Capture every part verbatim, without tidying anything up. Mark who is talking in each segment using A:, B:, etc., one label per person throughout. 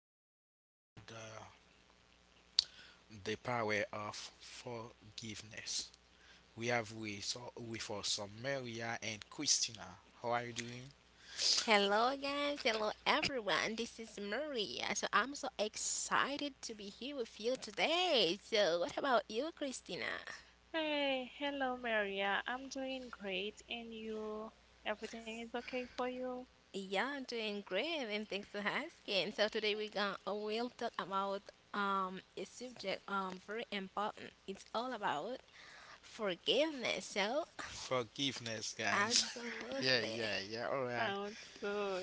A: going to talk about uh, the power of forgiveness. We have with, uh, with us uh, Maria and Christina. How are you doing?
B: Hello, guys. Hello, everyone. This is Maria. So, I'm so excited to be here with you today. So, what about you, Christina?
C: Hey, hello Maria. I'm doing great, and you? Everything is okay for you?
B: Yeah, I'm doing great, and thanks for asking. So, today we're gonna we'll talk about um a subject um very important. It's all about forgiveness. So,
A: Forgiveness, guys.
C: Yeah,
A: yeah,
B: absolutely,
A: yeah, yeah. All right,
C: sounds good.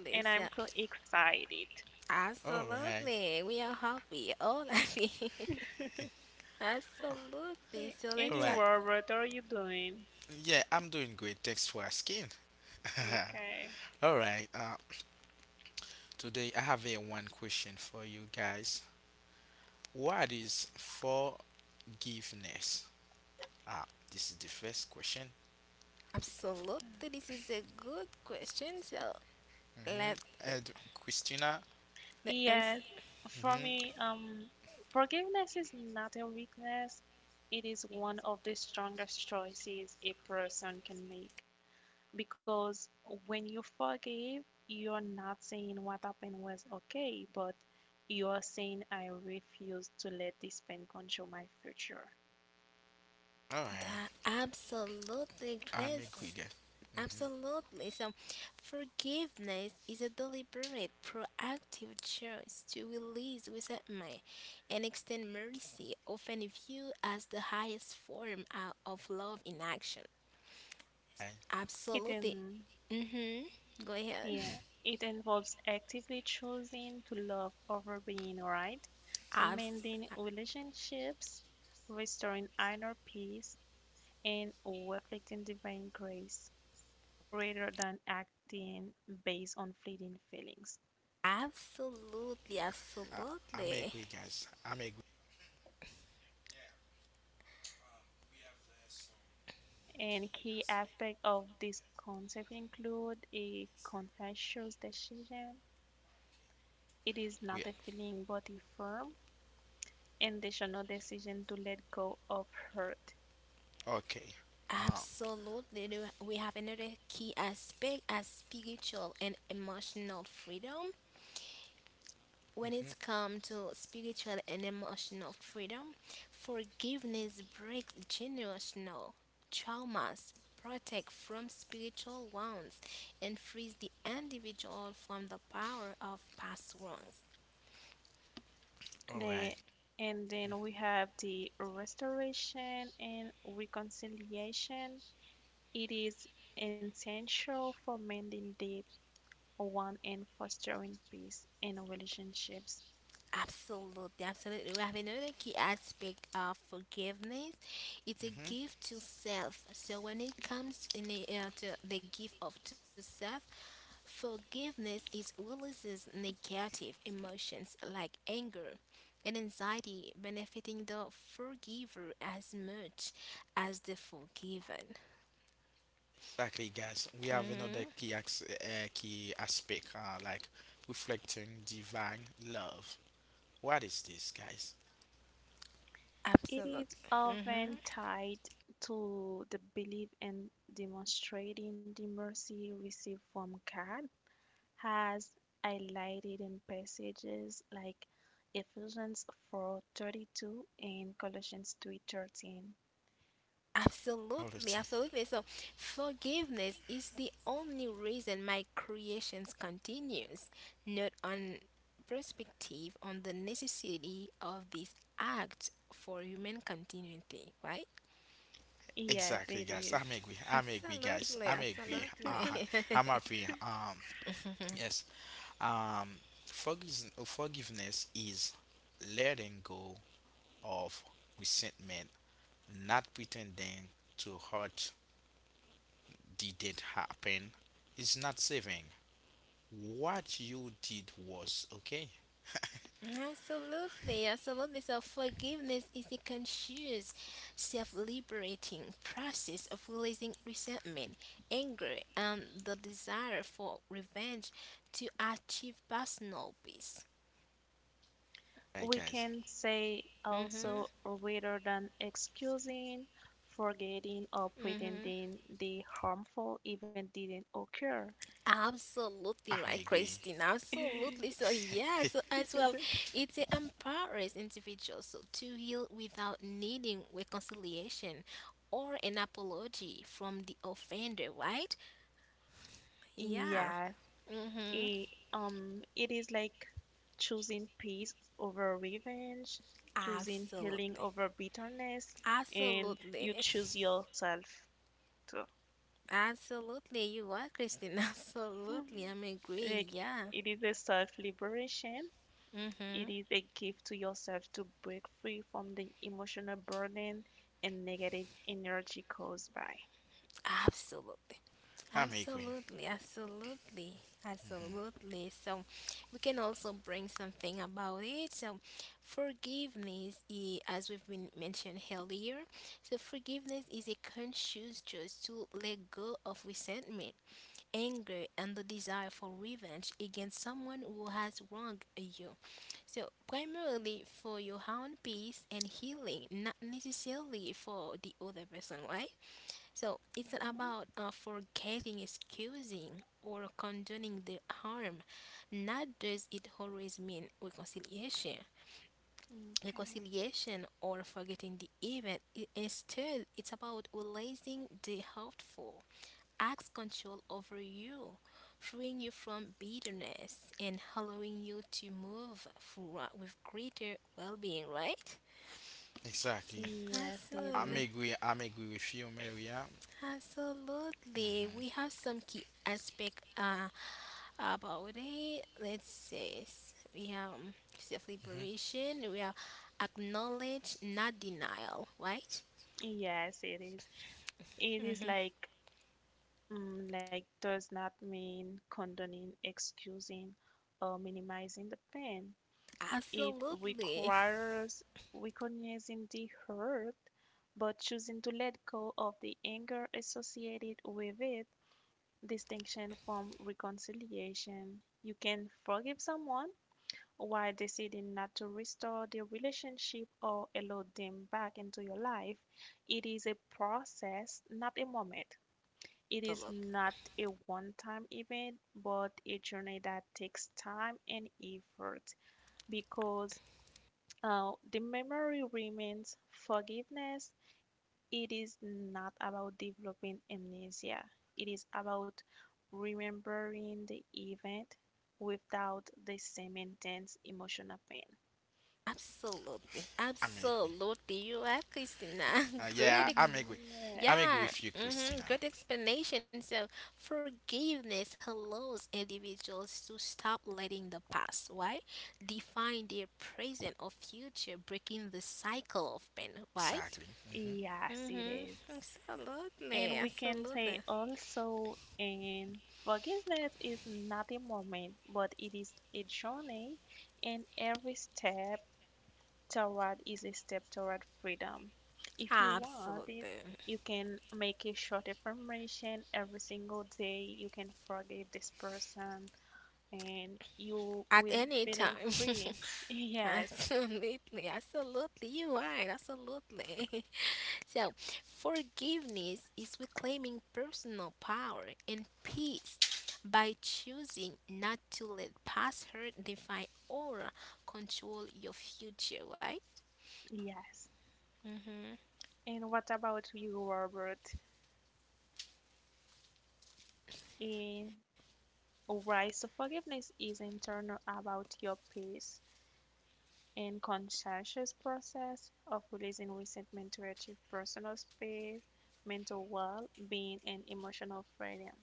C: And I'm
B: So,
C: so excited.
A: all right,
B: absolutely, we are happy, all happy. Absolutely.
C: A-
B: So
C: And
A: all
B: let's
C: you,
B: start.
A: right.
C: Robert, how are you doing?
A: Yeah, I'm doing great. Thanks for asking.
C: Okay.
A: all right. Uh, today I have a one question for you guys. What is forgiveness? Ah, this is the first question.
B: Absolutely, this is a good question. So
A: Hmm.
B: let uh,
A: And Christina,
B: the answer.
C: Yes, for
A: hmm,
C: me, um, forgiveness is not a weakness. It is one of the strongest choices a person can make, because when you forgive, you're not saying what happened was okay, but you are saying I refuse to let this pain control my future.
A: all right,
B: Absolutely,
A: I'm agree,
B: Chris.
A: guys. Hmm.
B: Absolutely. So, forgiveness is a deliberate, proactive choice to release resentment and extend mercy, often viewed as the highest form uh, of love in action.
A: I,
C: It
B: Absolutely.
C: in,
B: Mm-hmm. Go ahead.
C: yeah, it involves actively choosing to love over being right,
B: Abs-
C: mending relationships, restoring inner peace, and reflecting divine grace rather than acting based on fleeting feelings.
B: absolutely.
A: I, I'm
B: Absolutely.
A: agree, guys. I'm agree.
C: And key aspect of this concept include a conscientious decision. It is
A: We
C: not a feeling but a firm intentional decision to let go of hurt.
A: okay. Um,
B: Absolutely. do- We have another key aspect as spiritual and emotional freedom. When
A: mhm,
B: it comes to spiritual and emotional freedom, forgiveness breaks generational traumas, protects from spiritual wounds, and frees the individual from the power of past wrongs.
A: all right.
C: Then, and then we have the restoration and reconciliation. It is essential for mending deep one and fostering peace in relationships.
B: Absolutely, absolutely. We have another key aspect of forgiveness. It's a
A: Mm-hmm.
B: gift to self. So when it comes in the, uh, to the gift of to self, forgiveness is releases negative emotions like anger and anxiety, benefiting the forgiver as much as the forgiven.
A: Exactly, guys. We have another
B: hmm
A: key as uh, key aspect, uh, like reflecting divine love. What is this, guys?
C: It is
B: Absolutely. hmm
C: often tied to the belief in demonstrating the mercy received from God, as highlighted in passages like Ephesians four thirty-two and Colossians three thirteen.
B: Absolutely,
A: Loyalty.
B: absolutely. So, forgiveness is the only reason my creations continues, not on perspective on the necessity of this act for human continuity, right?
C: Yes,
A: Exactly,
C: it
A: guys.
C: is.
A: I'm agree. I'm agree, guys.
B: Absolutely,
A: I'm agree. Uh,
B: absolutely.
A: I'm happy. Um, yes. Um, forgiz- forgiveness is letting go of resentment, not pretending to hurt didn't happen. It's not saving. What you did was okay.
B: Absolutely, absolutely. So forgiveness is a conscious, self-liberating process of releasing resentment, anger, and the desire for revenge to achieve personal peace.
A: Hey
C: We
A: guys,
C: can say also
B: Mm-hmm.
C: rather than excusing, forgetting, or
B: Mm-hmm.
C: pretending the harmful event didn't occur.
B: Absolutely
A: I'm
B: right,
A: agree.
B: Christine. Absolutely. So yeah, so as well, it empowers individuals so to heal without needing reconciliation or an apology from the offender, right? Yeah.
C: Yes,
B: Mhm.
C: it, um, it is like choosing peace over revenge, choosing healing
B: Absolutely.
C: over bitterness, and you
B: Absolutely.
C: choose yourself too.
B: Absolutely. You are Christine. Absolutely. I'm
C: Like
B: agree. Yeah.
C: it is a self liberation. It
B: Mhm.
C: is a gift to yourself to break free from the emotional burden and negative energy caused by.
B: Absolutely.
A: I'm agree.
B: Absolutely. Absolutely. Absolutely. So we can also bring something about it. So forgiveness i- as we've been mentioned earlier. So forgiveness is a conscious choice to let go of resentment anger and the desire for revenge against someone who has wronged you. So, primarily for your own peace and healing, not necessarily for the other person, right? So, it's not about uh, forgetting, excusing, or condoning the harm. Not does it always mean reconciliation
C: Mhm. Okay.
B: reconciliation or forgetting the event. I- Instead, it's about releasing the hurtful, acts control over you, freeing you from bitterness and allowing you to move forward with greater well being, right?
A: Exactly.
C: Yes, it
A: I'm
B: Absolutely,
C: is.
A: agree. I'm agree with you, Maria.
B: absolutely. We have some key aspect uh, about it. Let's say s- we have um, self
A: Hmm.
B: liberation. We have acknowledge, not denial. Right?
C: Yes, it is. It is like mm, like does not mean condoning, excusing, or minimizing the pain. It
B: Absolutely.
C: requires recognizing the hurt, but choosing to let go of the anger associated with it. Distinction from reconciliation. You can forgive someone while deciding not to restore the relationship or allow them back into your life. It is a process, not a moment. It is
B: Absolutely.
C: not a one-time event, but a journey that takes time and effort because uh, the memory remains forgiveness. It is not about developing amnesia. It is about remembering the event without the same intense emotional
B: Absolutely.
A: I'm agree.
B: Absolutely. You are Christina.
A: Uh, yeah,
B: Great.
A: I- I'm agree.
C: pain.
A: I'm agree
B: Yeah,
A: with you,
B: hmm
A: Christina.
B: good explanation. So, forgiveness allows individuals to stop letting the past, why? Define their present or future, breaking the cycle of pain, right?
A: Exactly. Hmm.
C: Yes, it
B: Mm-hmm.
C: is.
B: Absolutely,
C: And we can
B: absolutely,
C: say also in forgiveness is not a moment, but it is a journey, and every step toward is a step toward freedom. If you want it,
B: absolutely.
C: you can make a short affirmation every single day. You can forgive this person, and you
B: At
C: will
B: any
C: feeling
B: time.
C: free. Yes,
B: Absolutely, absolutely, you're right, absolutely. So, forgiveness is reclaiming personal power and peace by choosing not to let past hurt define or control your future, right?
C: yes.
B: Mm-hmm.
C: And what about you, Robert? Eh, Alright, so forgiveness is internal about your pace and conscientious process of releasing resentment to achieve personal space, mental well being, and emotional freedom.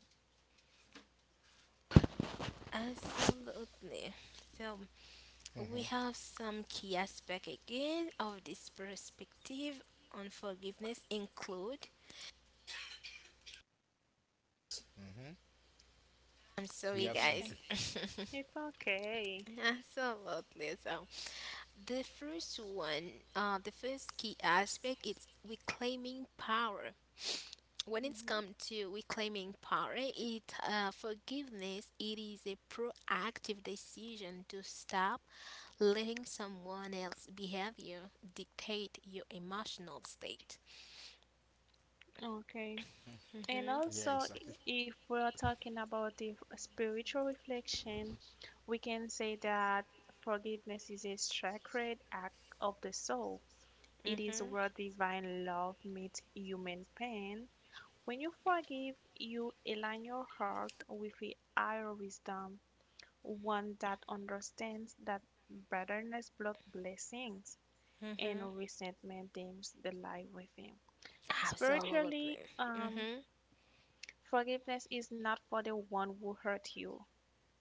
B: Absolutely. So, we
A: Hmm.
B: have some key aspect again of this perspective on forgiveness include.
A: Hmm.
B: I'm
A: We
B: sorry
C: It's
A: have some.
C: okay.
B: guys.
A: Cu-
C: It's okay.
B: Absolutely. So the first one, uh, the first key aspect is reclaiming power. When it's
C: Mhm.
B: come to reclaiming power, it uh, forgiveness. It is a proactive decision to stop letting someone else's behavior dictate your emotional state.
C: Okay. And
B: Mhm.
A: Yeah,
C: also,
A: exactly.
C: if we're talking about the spiritual reflection, we can say that forgiveness is a sacred act of the soul. It is
B: Mhm.
C: where divine love meets human pain. When you forgive, you align your heart with a higher wisdom, one that understands that bitterness blocks blessings
B: Mhm.
C: and resentment dims the light within. Spiritually,
B: Absolutely.
C: um,
B: Mhm.
C: forgiveness is not for the one who hurt you.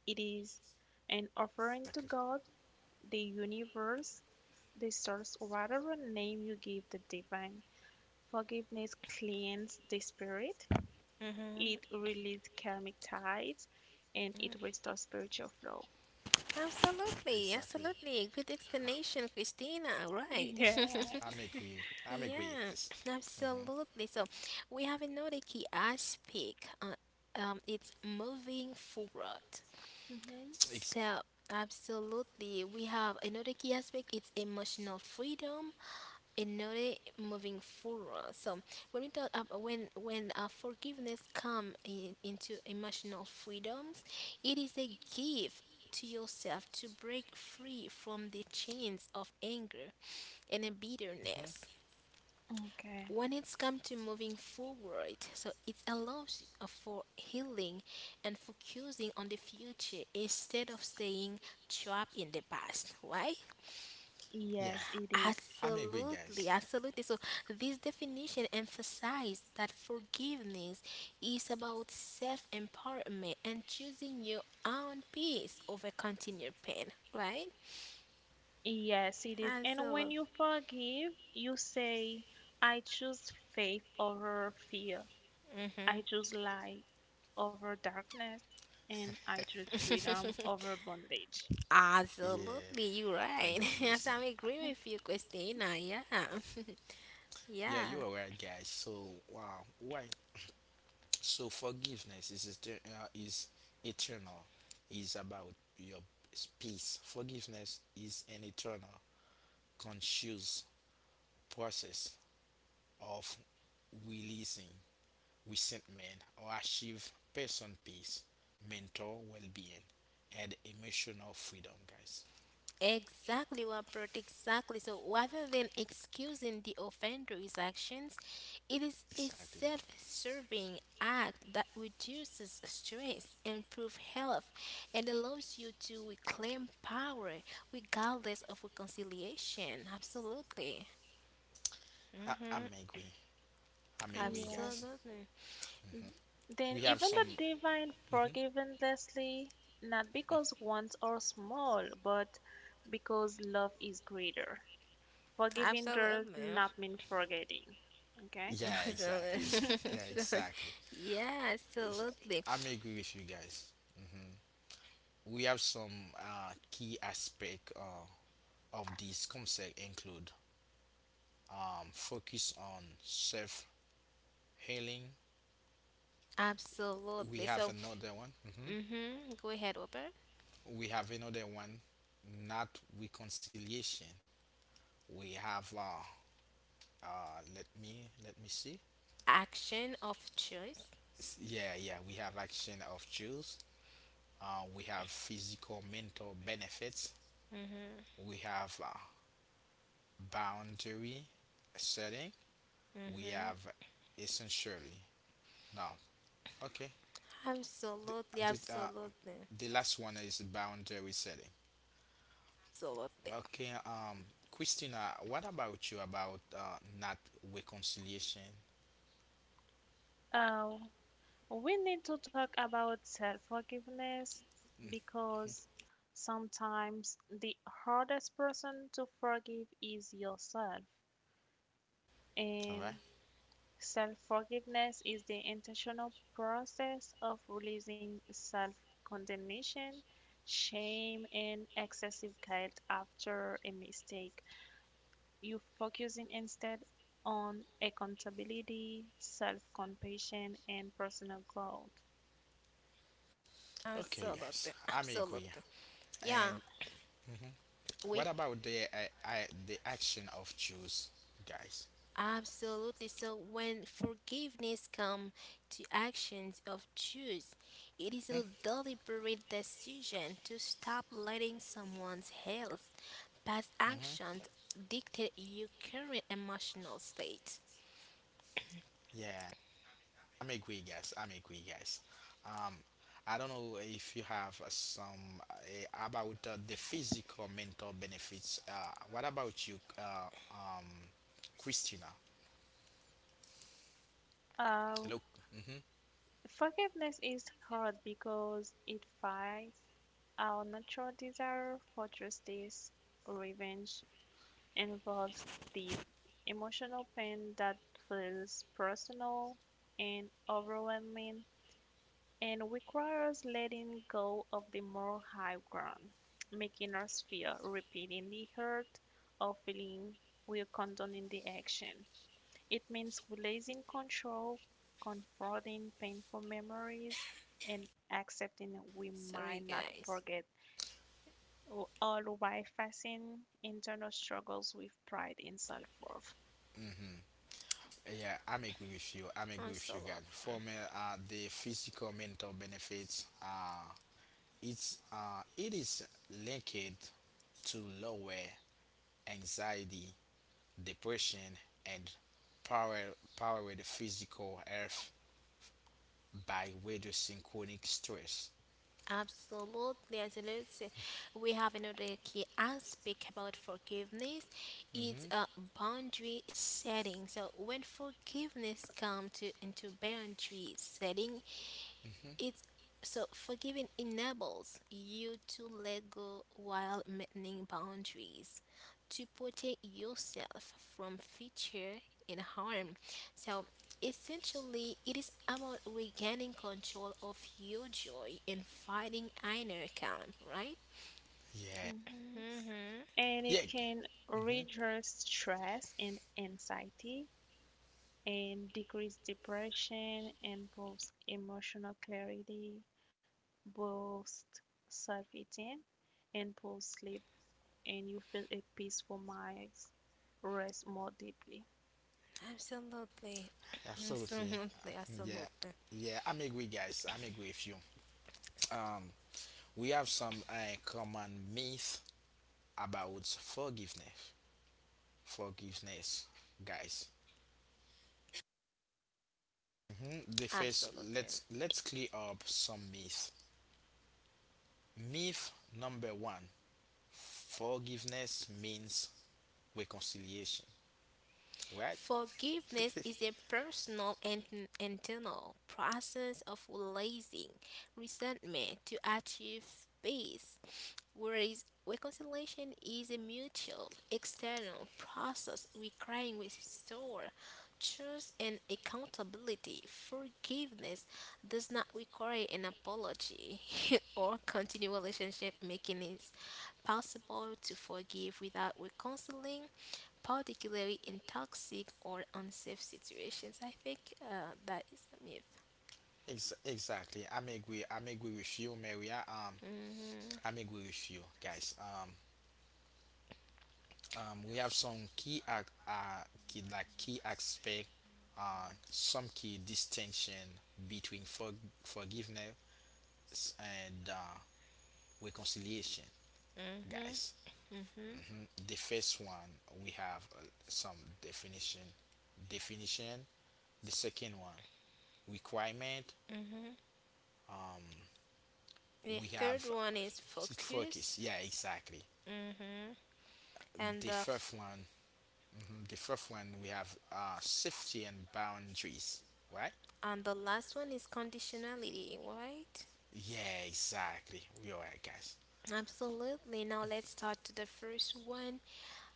C: It is an offering to
A: Exactly.
C: God, the universe, the source, whatever name you give the divine. Forgiveness cleans the spirit,
B: Mhm.
C: it releases karmic ties, and it restores spiritual flow.
B: Absolutely.
A: Exactly.
B: Absolutely. Good explanation, Christina. Right.
A: I-
C: Yeah.
A: I'm agree. I'm agree,
B: Yeah,
A: guys. Mm-hmm.
B: absolutely. So we have another key aspect. Uh, um, it's moving forward.
C: Hmm.
A: Ex-
B: So absolutely, we have another key aspect. It's emotional freedom. Another moving forward. So when we talk about when when uh, forgiveness come in, into emotional freedoms, it is a gift to yourself to break free from the chains of anger and a
A: hmm.
B: bitterness
C: Okay.
B: when it's come to moving forward so it allows uh, for healing and focusing on the future instead of staying trapped in the past. Why?
C: Yes,
A: Yeah,
C: it is.
A: I'm agree,
B: Absolutely,
A: guys.
B: absolutely, so this definition emphasizes that forgiveness is about self-empowerment and choosing your own peace over continued pain, right?
C: Yes, it is. And when you
B: Absolutely.
C: forgive, you say, I choose faith over fear. I choose light over darkness. And I choose freedom over bondage.
A: Yeah,
B: Absolutely, you're
A: I
B: right.
A: do
B: Yes,
A: understand.
B: I'm agree with you, Christina. Yeah,
A: Yeah,
B: yeah,
A: you are right, guys. So wow, why? So forgiveness is ester- uh, is eternal. Is about your peace. Forgiveness is an eternal, conscious process of releasing resentment, or achieve person peace, mental well being, and emotional freedom, guys.
B: exactly what Bert exactly. So rather than excusing the offender's actions, it is a
A: Exactly.
B: self-serving act that reduces stress, improves health, and allows you to reclaim power regardless of reconciliation. Absolutely.
A: I, I'm
B: Mm-hmm.
A: agree. I'm agree,
C: Yes.
A: guys.
B: Absolutely.
A: Hmm.
C: Then
A: We have
C: even
A: some.
C: the divine
A: Hmm.
C: forgive Leslie, not because wants are small, but because love is greater. Forgiving does
B: Absolutely.
C: not mean forgetting. Okay?
A: Yeah, exactly. Yeah,
B: So-
A: exactly.
B: yeah,
A: It's-
B: absolutely.
A: I'm agree with you guys. Hmm. We have some uh, key aspect uh, of this concept include um, focus on self healing. We
B: Absolutely.
A: have
B: So,
A: another one. Mm-hmm.
B: mhm, go ahead, Robert.
A: We have another one, not reconciliation. We have uh, uh, let me let me see.
B: Action of choice.
A: S- Yeah, yeah, we have action of choose. Uh, we have physical, mental benefits.
B: Mhm.
A: We have uh, boundary setting. We
B: Mhm.
A: have essentially now. Okay, the,
B: Absolutely,
A: the, uh,
B: absolutely.
A: the last one is boundary setting.
B: Absolutely.
A: Okay, um, Christina, what about you about uh, not reconciliation?
C: Uh, we need to talk about self forgiveness
A: Mhm.
C: because sometimes the hardest person to forgive is yourself.
A: All
C: And
A: right.
C: self forgiveness is the intentional process of releasing self condemnation, shame, and excessive guilt after a mistake. You're focusing instead on accountability, self compassion, and personal growth.
A: Okay, guys,
B: Absolutely.
A: I'm agree.
B: Absolutely.
A: And
B: Yeah,
A: mhm. What
B: we
A: about the uh, I, the action of Jews, guys?
B: absolutely. So when forgiveness comes to actions of choice, it
A: Hmm?
B: is a deliberate decision to stop letting someone's health past
A: Mm-hmm.
B: actions dictate your current emotional state.
A: Yeah, I'm agree, guys. I'm agree, guys. Um, I don't know if you have uh, some uh, about uh, the physical mental benefits. Uh, what about you, uh, um, Christina?
C: Uh,
A: Hello. Mm-hmm.
C: forgiveness is hard because it fights our natural desire for justice, revenge, involves deep emotional pain that feels personal and overwhelming and requires letting go of the more high ground, making us feel repeating the hurt or feeling we are condoning the action. It means releasing control, confronting painful memories, and accepting we might
B: Sorry,
C: not
B: guys.
C: forget, all while facing internal struggles with pride and self worth.
A: Mm-hmm. Yeah, I'm agree with you. I'm agree
B: I'm
A: with you
B: so
A: guys. For
B: lovely.
A: me, uh, the physical mental benefits. Uh, It's uh, it is linked to lower anxiety, depression, and power power the physical health by reducing chronic stress.
B: Absolutely, absolutely. We have another key aspect about forgiveness. It's
A: Hmm.
B: a boundary setting. So when forgiveness comes to into boundary setting,
A: Hmm.
B: it's so forgiving enables you to let go while maintaining boundaries to protect yourself from future and harm. So essentially it is about regaining control of your joy and finding inner calm, right?
A: Yeah.
C: Mm-hmm.
B: Mm-hmm.
C: And it
A: Yeah.
C: can
A: Hmm.
C: reduce stress and anxiety and decrease depression, improves emotional clarity, boosts self-esteem, improves sleep, and you feel a peaceful mind, rest more deeply.
B: Absolutely.
A: Absolutely. Uh,
B: Absolutely.
A: Yeah.
B: Absolutely.
A: Yeah. I'm agree, guys. I'm agree with you. Um, we have some uh, common myth about forgiveness. Forgiveness, guys. Mhm. The first,
B: Absolutely.
A: let's let's clear up some myths. Myth number one: forgiveness means reconciliation. Right?
B: Forgiveness is a personal and internal process of releasing resentment to achieve peace, whereas reconciliation is a mutual external process requiring restore trust and accountability. Forgiveness does not require an apology or continual relationship making it possible to forgive without reconciling particularly in toxic or unsafe situations. I think uh, that is a myth.
A: Ex- exactly. I'm agree. I'm agree with you, Maria. Um,
B: hmm
A: I'm agree with you, guys. Um, um, we have some key ac- uh key like key aspect uh some key distinction between for- forgiveness and uh, reconciliation, guys.
B: hmm hmm
A: Mhm. The first one we have uh, some definition, definition. The second one requirement.
B: hmm
A: Um,
B: The
A: we
B: third
A: have
B: one is
A: sit
B: focus.
A: focus. Yeah, exactly.
B: hmm And
A: The
B: the f-
A: fourth one, mhm, the fourth one we have uh, safety and boundaries. Right?
B: and the last one is conditionality, right?
A: Yeah, exactly. We are right, guys.
B: Absolutely. Now let's start to the first one.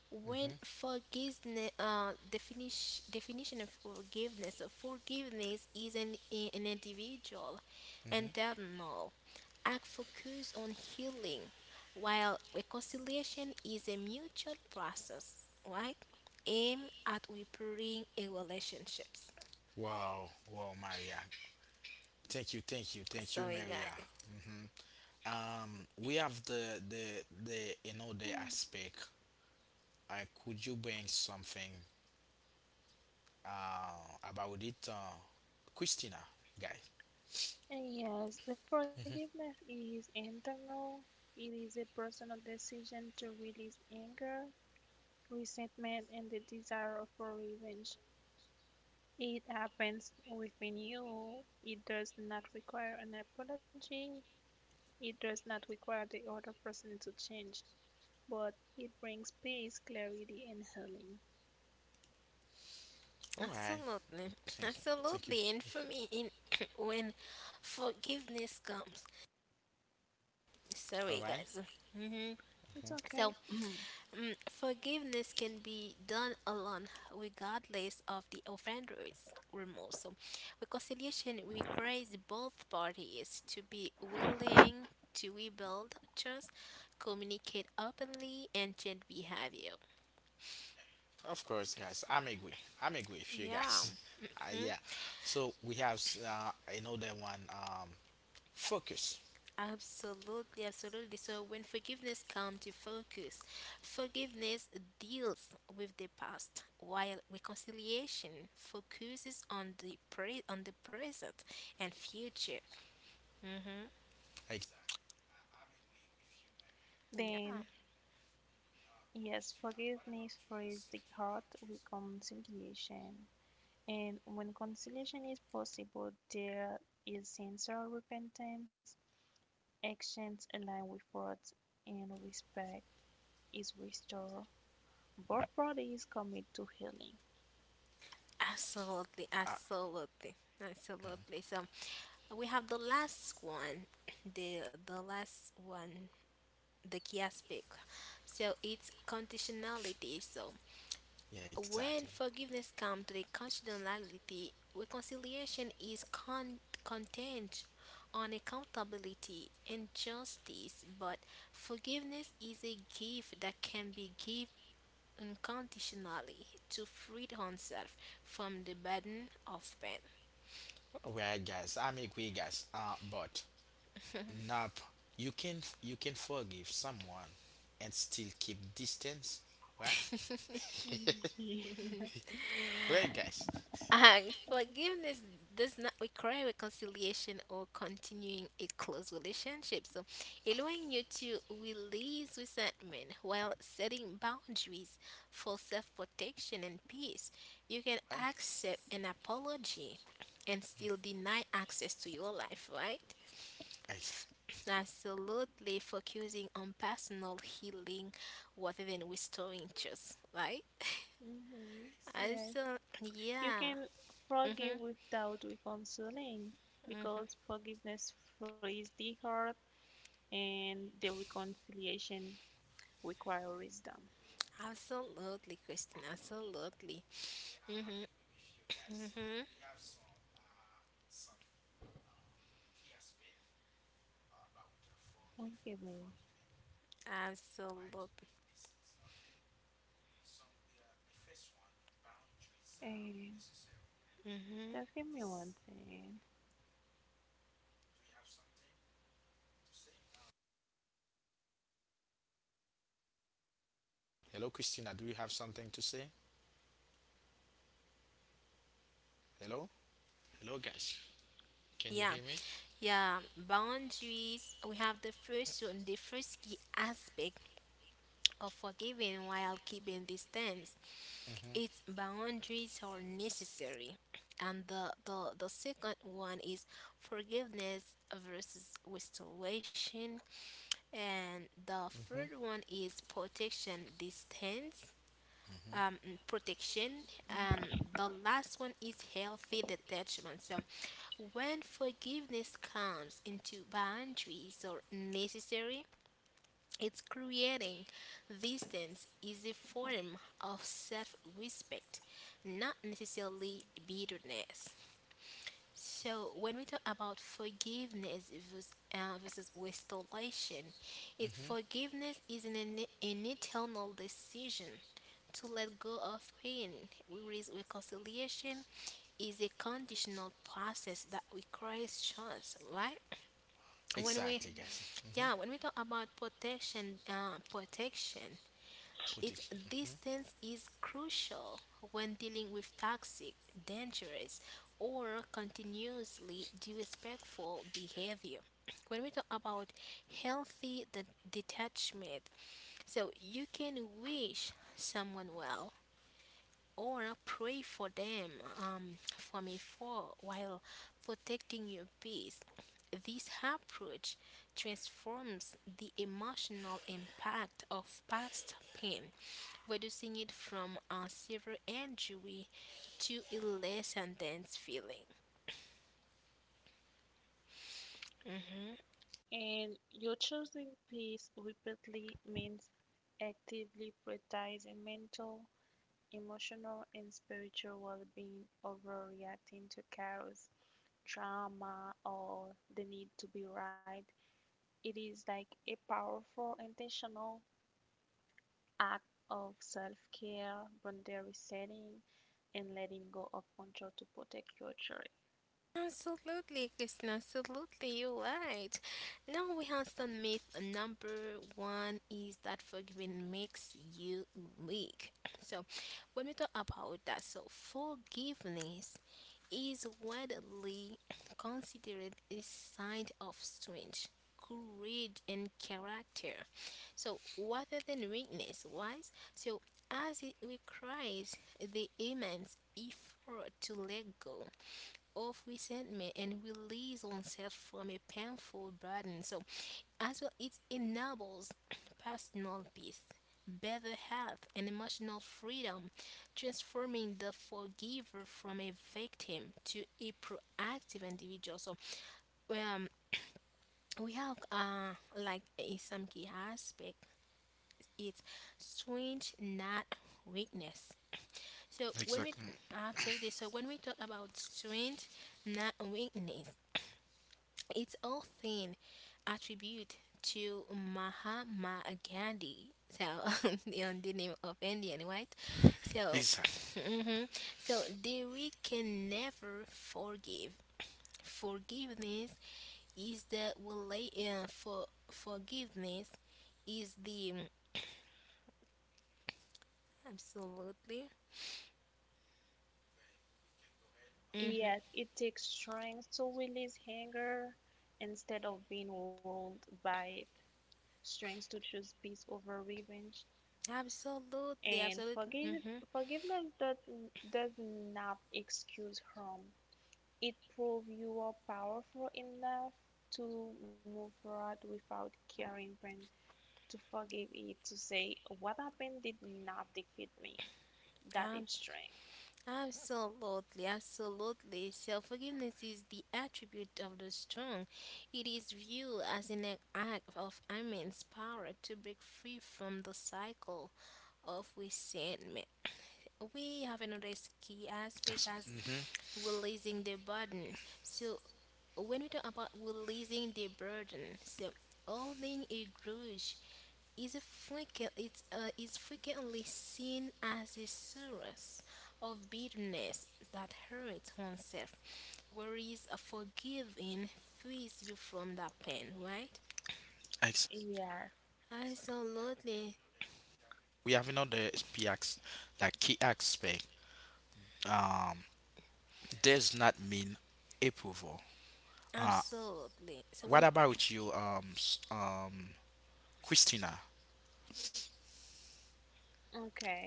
B: When
A: Hmm.
B: forgiveness, uh, definition definition of forgiveness. So forgiveness is an i- an individual,
A: Hmm.
B: internal act focused on healing, while reconciliation is a mutual process, right? Aim at repairing a relationships.
A: Wow, wow, Maria. Thank you, thank you, thank you,
B: Sorry,
A: Maria.
B: guys.
A: Hmm. Um, we have the the the another
C: Hmm.
A: aspect. Uh, could you bring something uh, about it, uh, Christina, guys?
C: And yes, the forgiveness is internal. It is a personal decision to release anger, resentment, and the desire for revenge. It happens within you. It does not require an apology. It does not require the other person to change, but it brings peace, clarity, and healing.
A: All right.
B: Absolutely,
A: Thank you. Thank you.
B: absolutely. And for me, in when forgiveness comes,
A: All
B: sorry,
A: right.
B: guys. hmm
C: It's
B: So
C: okay.
B: mm, forgiveness can be done alone, regardless of the offender's remorse. So, reconciliation requires both parties to be willing to rebuild trust, communicate openly, and change behavior.
A: Of course, guys. I'm agree. I'm agree with you
B: Yeah.
A: guys. uh, yeah. So we have s- uh, another one. Um, focus.
B: Absolutely, absolutely. So when forgiveness comes to focus, forgiveness deals with the past, while reconciliation focuses on the pre- on the present and future. Mm-hmm.
A: Ex-
B: Yeah.
C: then, yes, forgiveness frees the heart, with reconciliation. And when conciliation is possible, there is sincere repentance, actions align with words, and respect is restored. Both parties commit to healing.
B: Absolutely,
A: uh,
B: absolutely, absolutely. So we have the last one, the the last one, the key aspect. So it's conditionality. So
A: yeah, exactly.
B: when forgiveness comes to the conditionality, reconciliation is con- content on accountability and justice, but forgiveness is a gift that can be given unconditionally to free oneself from the burden of pain.
A: All right, guys. I'm agree, guys. Uh, but nap. You can you can forgive someone and still keep distance, right?
C: Mhm.
A: right, guys.
B: Uh,
C: Right.
B: forgiveness does not require reconciliation or continuing a close relationship. So, allowing you to release resentment while setting boundaries for self protection and peace, you can
A: Right?
B: accept an apology and still deny access to your life, right? Absolutely focusing on personal healing rather than restoring just, right?
C: Mhm.
B: I
C: Yes.
B: so
C: You
B: yeah.
C: can
B: Mm-hmm.
C: forgive without reconciling
B: Mm-hmm.
C: because forgiveness frees the heart and the reconciliation require wisdom.
B: Absolutely, Christine. Absolutely. Mhm. Mhm.
C: Forgive me.
B: Absolutely.
C: And
B: Mhm.
C: just give me one thing.
A: Hello, Christina. Do you have something to say? Hello? Hello, guys. Can you
B: Yeah.
A: hear me?
B: Yeah. Boundaries. We have the first one, the first key aspect of forgiving while keeping distance. Its
A: Hmm.
B: boundaries are necessary, and the the the second one is forgiveness versus restoration, and the third one is protection distance um, protection, and the last one is healthy detachment. So, when forgiveness comes into boundaries or necessary, it's creating distance is a form of self respect, not necessarily bitterness. So, when we talk about forgiveness vers- uh, versus restoration, it forgiveness is an, an internal decision to let go of pain, whereas reconciliation is a conditional process that requires trust, right? When we,
A: Exactly, guys. Hmm.
B: yeah, when we talk about protection, uh, protection,
A: Put
B: its
A: it.
B: distance is crucial when dealing with toxic, dangerous, or continuously disrespectful behavior. When we talk about healthy de- detachment, so you can wish someone well, or pray for them um, from afar while protecting your peace. This approach transforms the emotional impact of past pain, reducing it from a severe injury to a less intense feeling.
C: And your choosing peace repeatedly means actively prioritizing mental, emotional, and spiritual well being over reacting to chaos drama or the need to be right. It is like a powerful, intentional act of self care, boundary setting, and letting go of control to protect your joy.
B: Absolutely, Krishna, absolutely, you're right. Now we have some myth number one is that forgiving makes you weak. So when we talk about that, so forgiveness is widely considered a sign of strength, courage and character. So rather than weakness, wise, so as it requires the immense effort to let go of resentment and release oneself from a painful burden. So, as well, it enables personal peace, better health, and emotional freedom, transforming the forgiver from a victim to a proactive individual. So, um, we have uh, like in some key aspect, it's strength, not weakness. So when we
A: Exactly.
B: absolutely so when we talk about strength, not weakness, it's all thing attribute to Mahatma Gandhi. So the, on the name of Indian, right? So,
A: Exactly.
B: mhm. So the we can never forgive. Forgiveness is the relate uh, for forgiveness is the absolutely. Mm-hmm.
C: Yet, it takes strength to release anger instead of being ruled by it, strength to choose peace over revenge.
B: Absolutely,
C: And
B: absolutely.
C: forgive, forgiveness does, does not excuse harm, it proved you are powerful enough to move forward without carrying pain, to forgive it, to say, what happened did not defeat me. That
B: Mm-hmm.
C: is strength.
B: Absolutely, absolutely. Self forgiveness is the attribute of the strong. It is viewed as an act of immense power to break free from the cycle of resentment. We have another key aspect
A: Yes.
B: as
A: Hmm.
B: releasing the burden. So, when we talk about releasing the burden, so holding a grudge is, a frequent, it's, uh, is frequently seen as a source of bitterness that hurts oneself, whereas a forgiving frees you from that pain, right?
A: Ex-
C: Yeah.
B: Absolutely,
A: we have another key like key aspect. Um, does not mean approval. Uh,
B: absolutely. So
A: what
B: when
A: about you, um, s- um, Christina?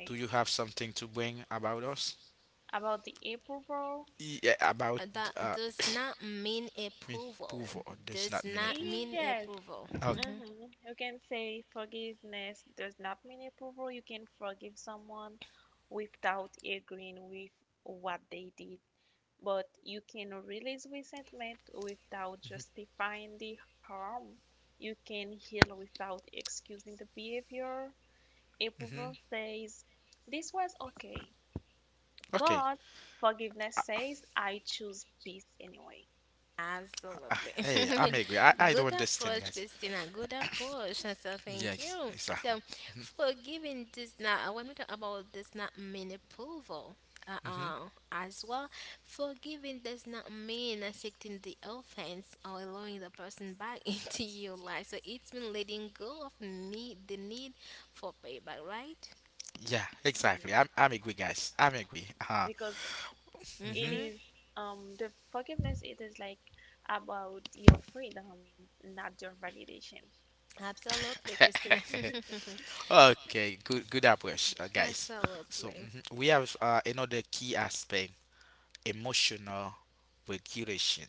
A: Do you have something to bring about us?
C: About the April Bro.
A: Yeah, about
B: uh, that
A: uh,
B: does not mean
A: mean
B: approval,
A: approval does
B: does
A: not mean
B: not
A: approval.
B: mean
C: Yes.
B: approval.
A: Okay.
B: Mm-hmm.
C: Mm-hmm. You can say forgiveness does not mean approval. You can forgive someone without agreeing with what they did, but you can release resentment without justifying the harm. You can heal without excusing the behavior. Approval
A: Hmm.
C: says, this was okay,
A: Okay.
C: but forgiveness
A: I,
C: says, I choose peace anyway.
B: Absolutely.
A: hey, I'm agree.
B: Good approach, Christina. Good approach. So so thank you. So forgiving does not, uh, when we talk about does not mean approval. Uh, uh, as well, forgiving does not mean accepting the offense or allowing the person back into your life. So it's been letting go of need the need for payback, right?
C: Yeah. Because it
B: Mm-hmm.
C: is, um, the forgiveness, it is like about your freedom, not your validation.
B: Absolutely, Christina.
A: I, I don't understand, guys. Yes, exactly. Hmm. Yeah, exactly. I'm, I'm agree, guys. I'm agree. Uh-huh. Hmm. okay, good good approach, uh, guys. So
B: Absolutely.
A: mhm, we have uh, another key aspect, emotional regulation.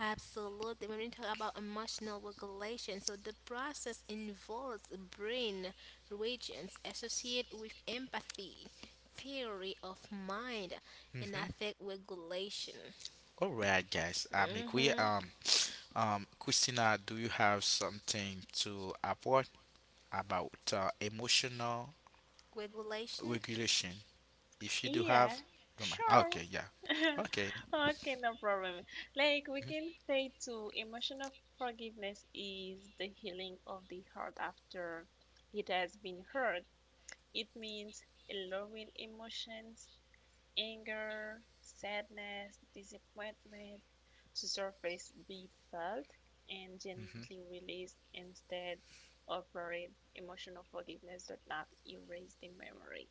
B: Absolutely. When we talk about emotional regulation, so the process involves brain regions associated with empathy, theory of mind, and
A: Hmm.
B: affect regulation.
A: All right, guys. I'm agree.
B: Hmm
A: Um, um, Christina, do you have something to report about uh, emotional
B: Regulation?
A: regulation? If you do
C: Yeah,
A: have, don't mind. Ah,
C: sure.
A: Okay, yeah. Okay.
C: Okay, no problem. Like we can say too, emotional forgiveness is the healing of the heart after it has been hurt. It means allowing emotions, anger, sadness, disappointment to surface, be felt, and
A: Mm-hmm.
C: gently released instead of buried. Emotional forgiveness does not erase the memory.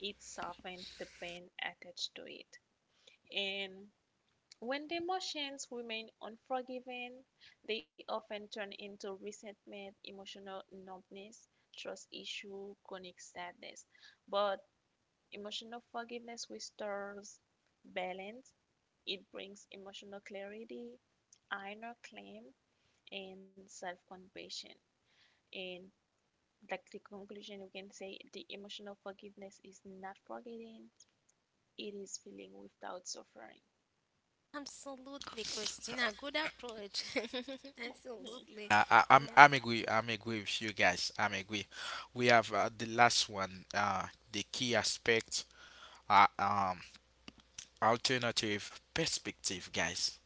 C: It softens the pain attached to it. And when the emotions remain unforgiving, they often turn into resentment, emotional numbness, trust issue, chronic sadness. But emotional forgiveness restores balance. It brings emotional clarity, inner calm, and self-compassion. And like the conclusion, we can say the emotional forgiveness is not forgetting; it is feeling without suffering.
B: Absolutely, Christina. Good approach.
C: Mhm.
B: Absolutely.
A: Uh, I, I'm
B: Yeah.
A: I'm agree I'm agree with you guys. I'm agree. We have uh, the last one. Uh, the key aspect. Uh, um, alternative perspective, guys.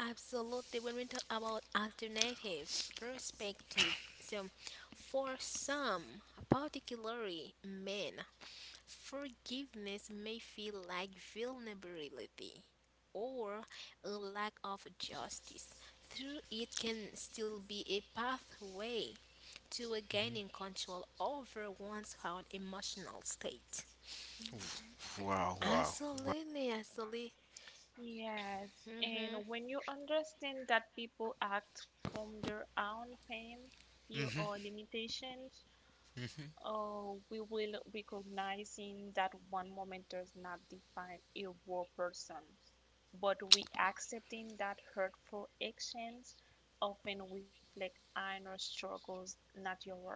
B: Absolutely. When we talk about alternative perspective, so for some, particularly men, forgiveness may feel like vulnerability or a lack of justice. Through it can still be a pathway to regaining control over one's own emotional state.
C: Mhm.
A: Wow, wow, wow.
B: Absolutely, absolutely.
C: Yes, and
B: Hmm
C: when you understand that people act from their own pain, fear,
A: Mhm,
C: or limitations,
A: mhm.
C: uh, we will recognizing that one moment does not define a whole person, but we accepting that hurtful actions often reflect inner struggles, not your worth.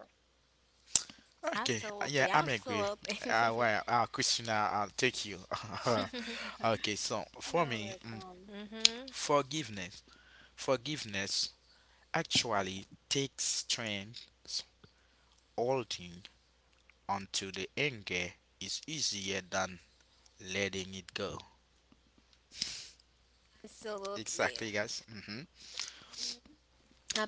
A: Okay, uh,
B: Absolutely,
A: yeah, I'm agree.
B: absolutely.
A: Uh, well, uh, Christina, I'll take you. okay, so for
C: You're
A: me, mm,
C: welcome.
B: hmm
A: forgiveness, forgiveness actually takes strength, holding onto the anger is easier than letting it go.
B: Absolutely.
A: Exactly, guys. Hmm.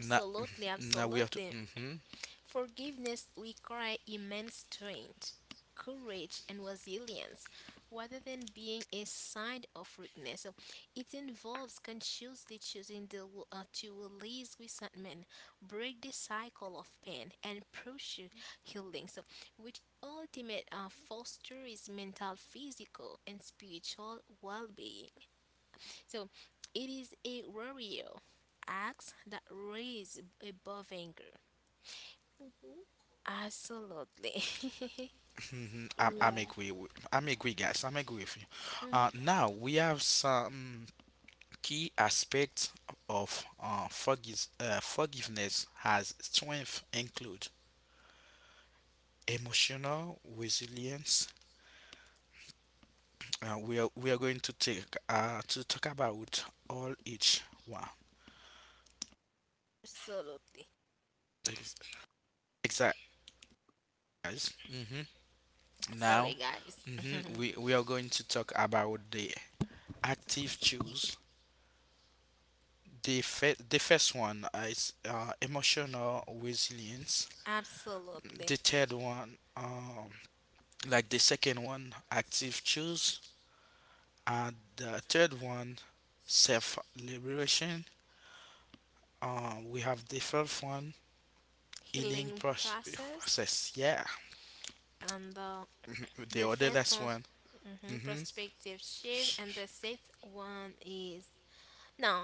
A: Now, mhm, now we have to.
B: Absolutely.
A: Hmm.
B: Forgiveness requires immense strength, courage, and resilience rather than being a sign of weakness. So it involves consciously choosing the, w- uh, to release resentment, break the cycle of pain, and pursue healing. So, which ultimate uh, fosters mental, physical, and spiritual well being. So it is a warrior acts that raise above anger.
C: Hmm.
B: Absolutely.
A: Hmm. I'm, I'm
C: Yeah.
A: agree. With, I'm agree, guys. I'm agree with you.
B: Mhm.
A: Uh, now we have some key aspects of uh, forgive, uh, forgiveness has strength include emotional resilience. Uh, we are we are going to take uh, to talk about all each one.
B: Absolutely.
A: Exactly, guys. Hmm. Now,
B: Sorry guys.
A: hmm, we, we are going to talk about the active choice. The, fir- the first one uh, is uh, emotional resilience.
B: Absolutely.
A: The third one, um, like the second one, active choice. And the third one, self liberation. Uh, we have the fourth one, healing
B: Healing
A: proce-
B: process,
A: process. Yeah,
B: and the
A: mhm, the
B: the
A: other last
B: faithful
A: one.
B: mhm,
A: Hmm.
B: perspective shift, and the sixth one is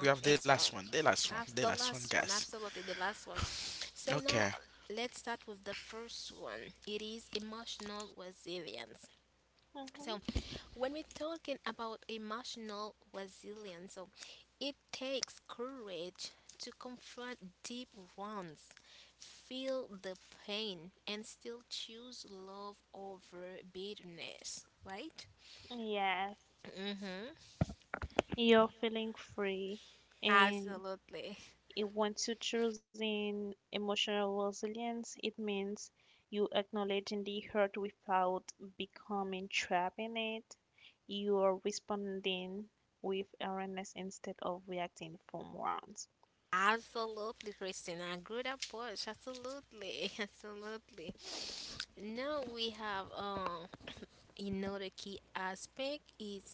A: We have the
B: it's
A: last
B: uh,
A: one, the last one, the
B: abs- the
A: last one,
B: last one,
A: guys.
B: absolutely the last one. So
A: Okay,
B: now uh, let's start with the first one. It is emotional resilience.
C: Hmm.
B: So when we're talking about emotional resilience, so it takes courage to confront deep wounds, feel the pain, and still choose love over bitterness, right?
C: Yes,
B: Mm-hmm.
C: you're feeling free and
B: Absolutely.
C: it- once you choosing emotional resilience, it means you acknowledging the hurt without becoming trapped in it. You are responding with awareness instead of reacting from wounds.
B: Absolutely, Christina. Good approach. Absolutely, absolutely. Now we have um another key aspect is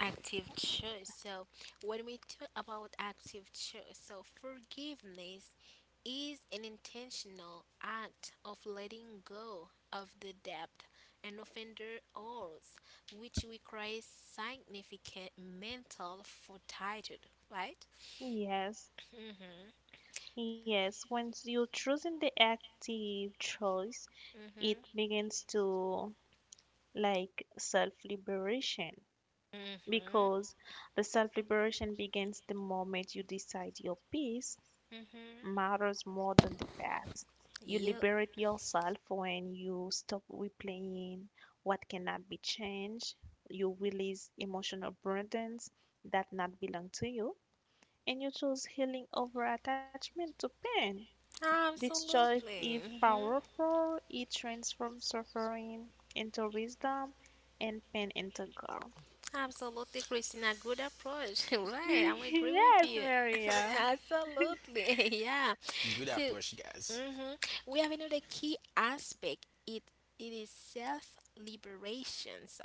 B: active choice. So when we talk about active choice, so forgiveness is an intentional act of letting go of the debt an offender owes, which requires significant mental fortitude. Right?
C: Yes,
B: Mm-hmm.
C: yes. Once you choosing the active choice, it
B: Mm-hmm.
C: begins to like self liberation
B: Mhm.
C: because the self liberation begins the moment you decide your peace
B: Mhm.
C: matters more than the past. You
B: Yep.
C: liberate yourself when you stop replaying what cannot be changed. You release emotional burdens that not belong to you, and you choose healing over attachment to pain. This choice is
B: Absolutely. Mhm.
C: powerful. It transforms suffering into wisdom and pain into God.
B: Absolutely, Christina. Good approach. Right. I'm agree with
C: Yes,
B: you.
C: Maria.
B: Absolutely. Yeah.
A: good
B: So,
A: approach, guys.
B: mhm. We have another key aspect. It it is self liberation. So,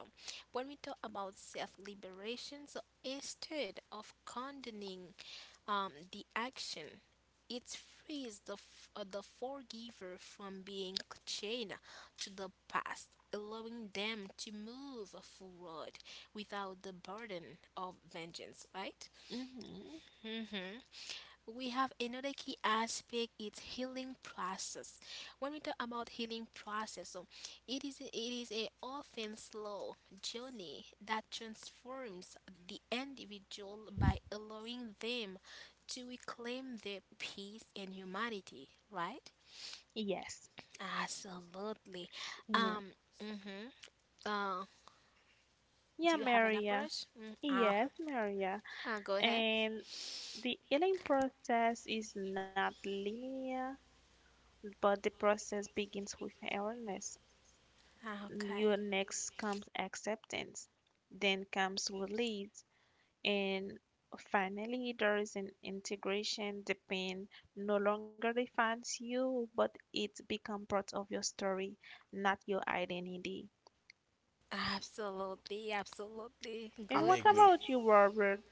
B: when we talk about self liberation, so instead of condoning um, the action. It frees the, f- uh, the forgiver from being chained to the past, allowing them to move forward without the burden of vengeance, right?
C: Hmm.
B: hmm We have another key aspect. It's healing process. When we talk about healing process, so it is it is a often slow journey that transforms the individual by allowing them to reclaim their peace and humanity, right?
C: Yes.
B: Absolutely.
C: Yeah.
B: um hmm uh
C: Yeah,
B: do you have an
C: Maria.
B: approach mm, uh,
C: Yes, Maria,
B: uh, go ahead.
C: and the healing process is not linear, but the process begins with awareness.
B: Ah,
C: Your
B: okay.
C: next comes acceptance, then comes release, and finally there is an integration. The pain no longer defines you, but it's become part of your story, not your identity.
B: Absolutely, absolutely.
A: I'm
C: And
B: Good,
C: what
B: Chris.
A: agree
C: about you, Robert?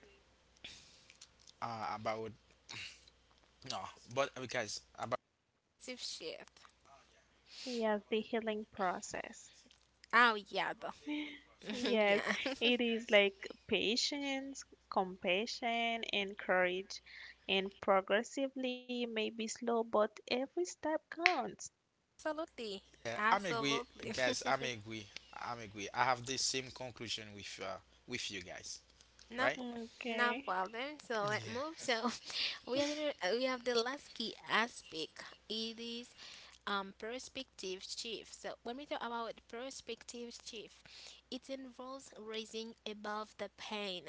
A: uh, about no, but uh, guys, about
B: Perspective shift.
C: Yes, the healing process.
B: Oh yeah, though. Yeah,
C: Yes, it is like patience, compassion, and courage, and progressively, maybe slow, but every step counts.
B: absolutely,
A: yeah, I'm agree,
B: absolutely.
A: guys. I'm agree. I'm agree. I have the same conclusion with uh, with you guys,
B: no,
A: right?
B: po- no
C: Okay.
B: problem. So let's
A: Yeah,
B: move. So we have inter- we have the last key aspect. It is um perspective shift. So when we talk about perspective shift, it involves raising above the pain.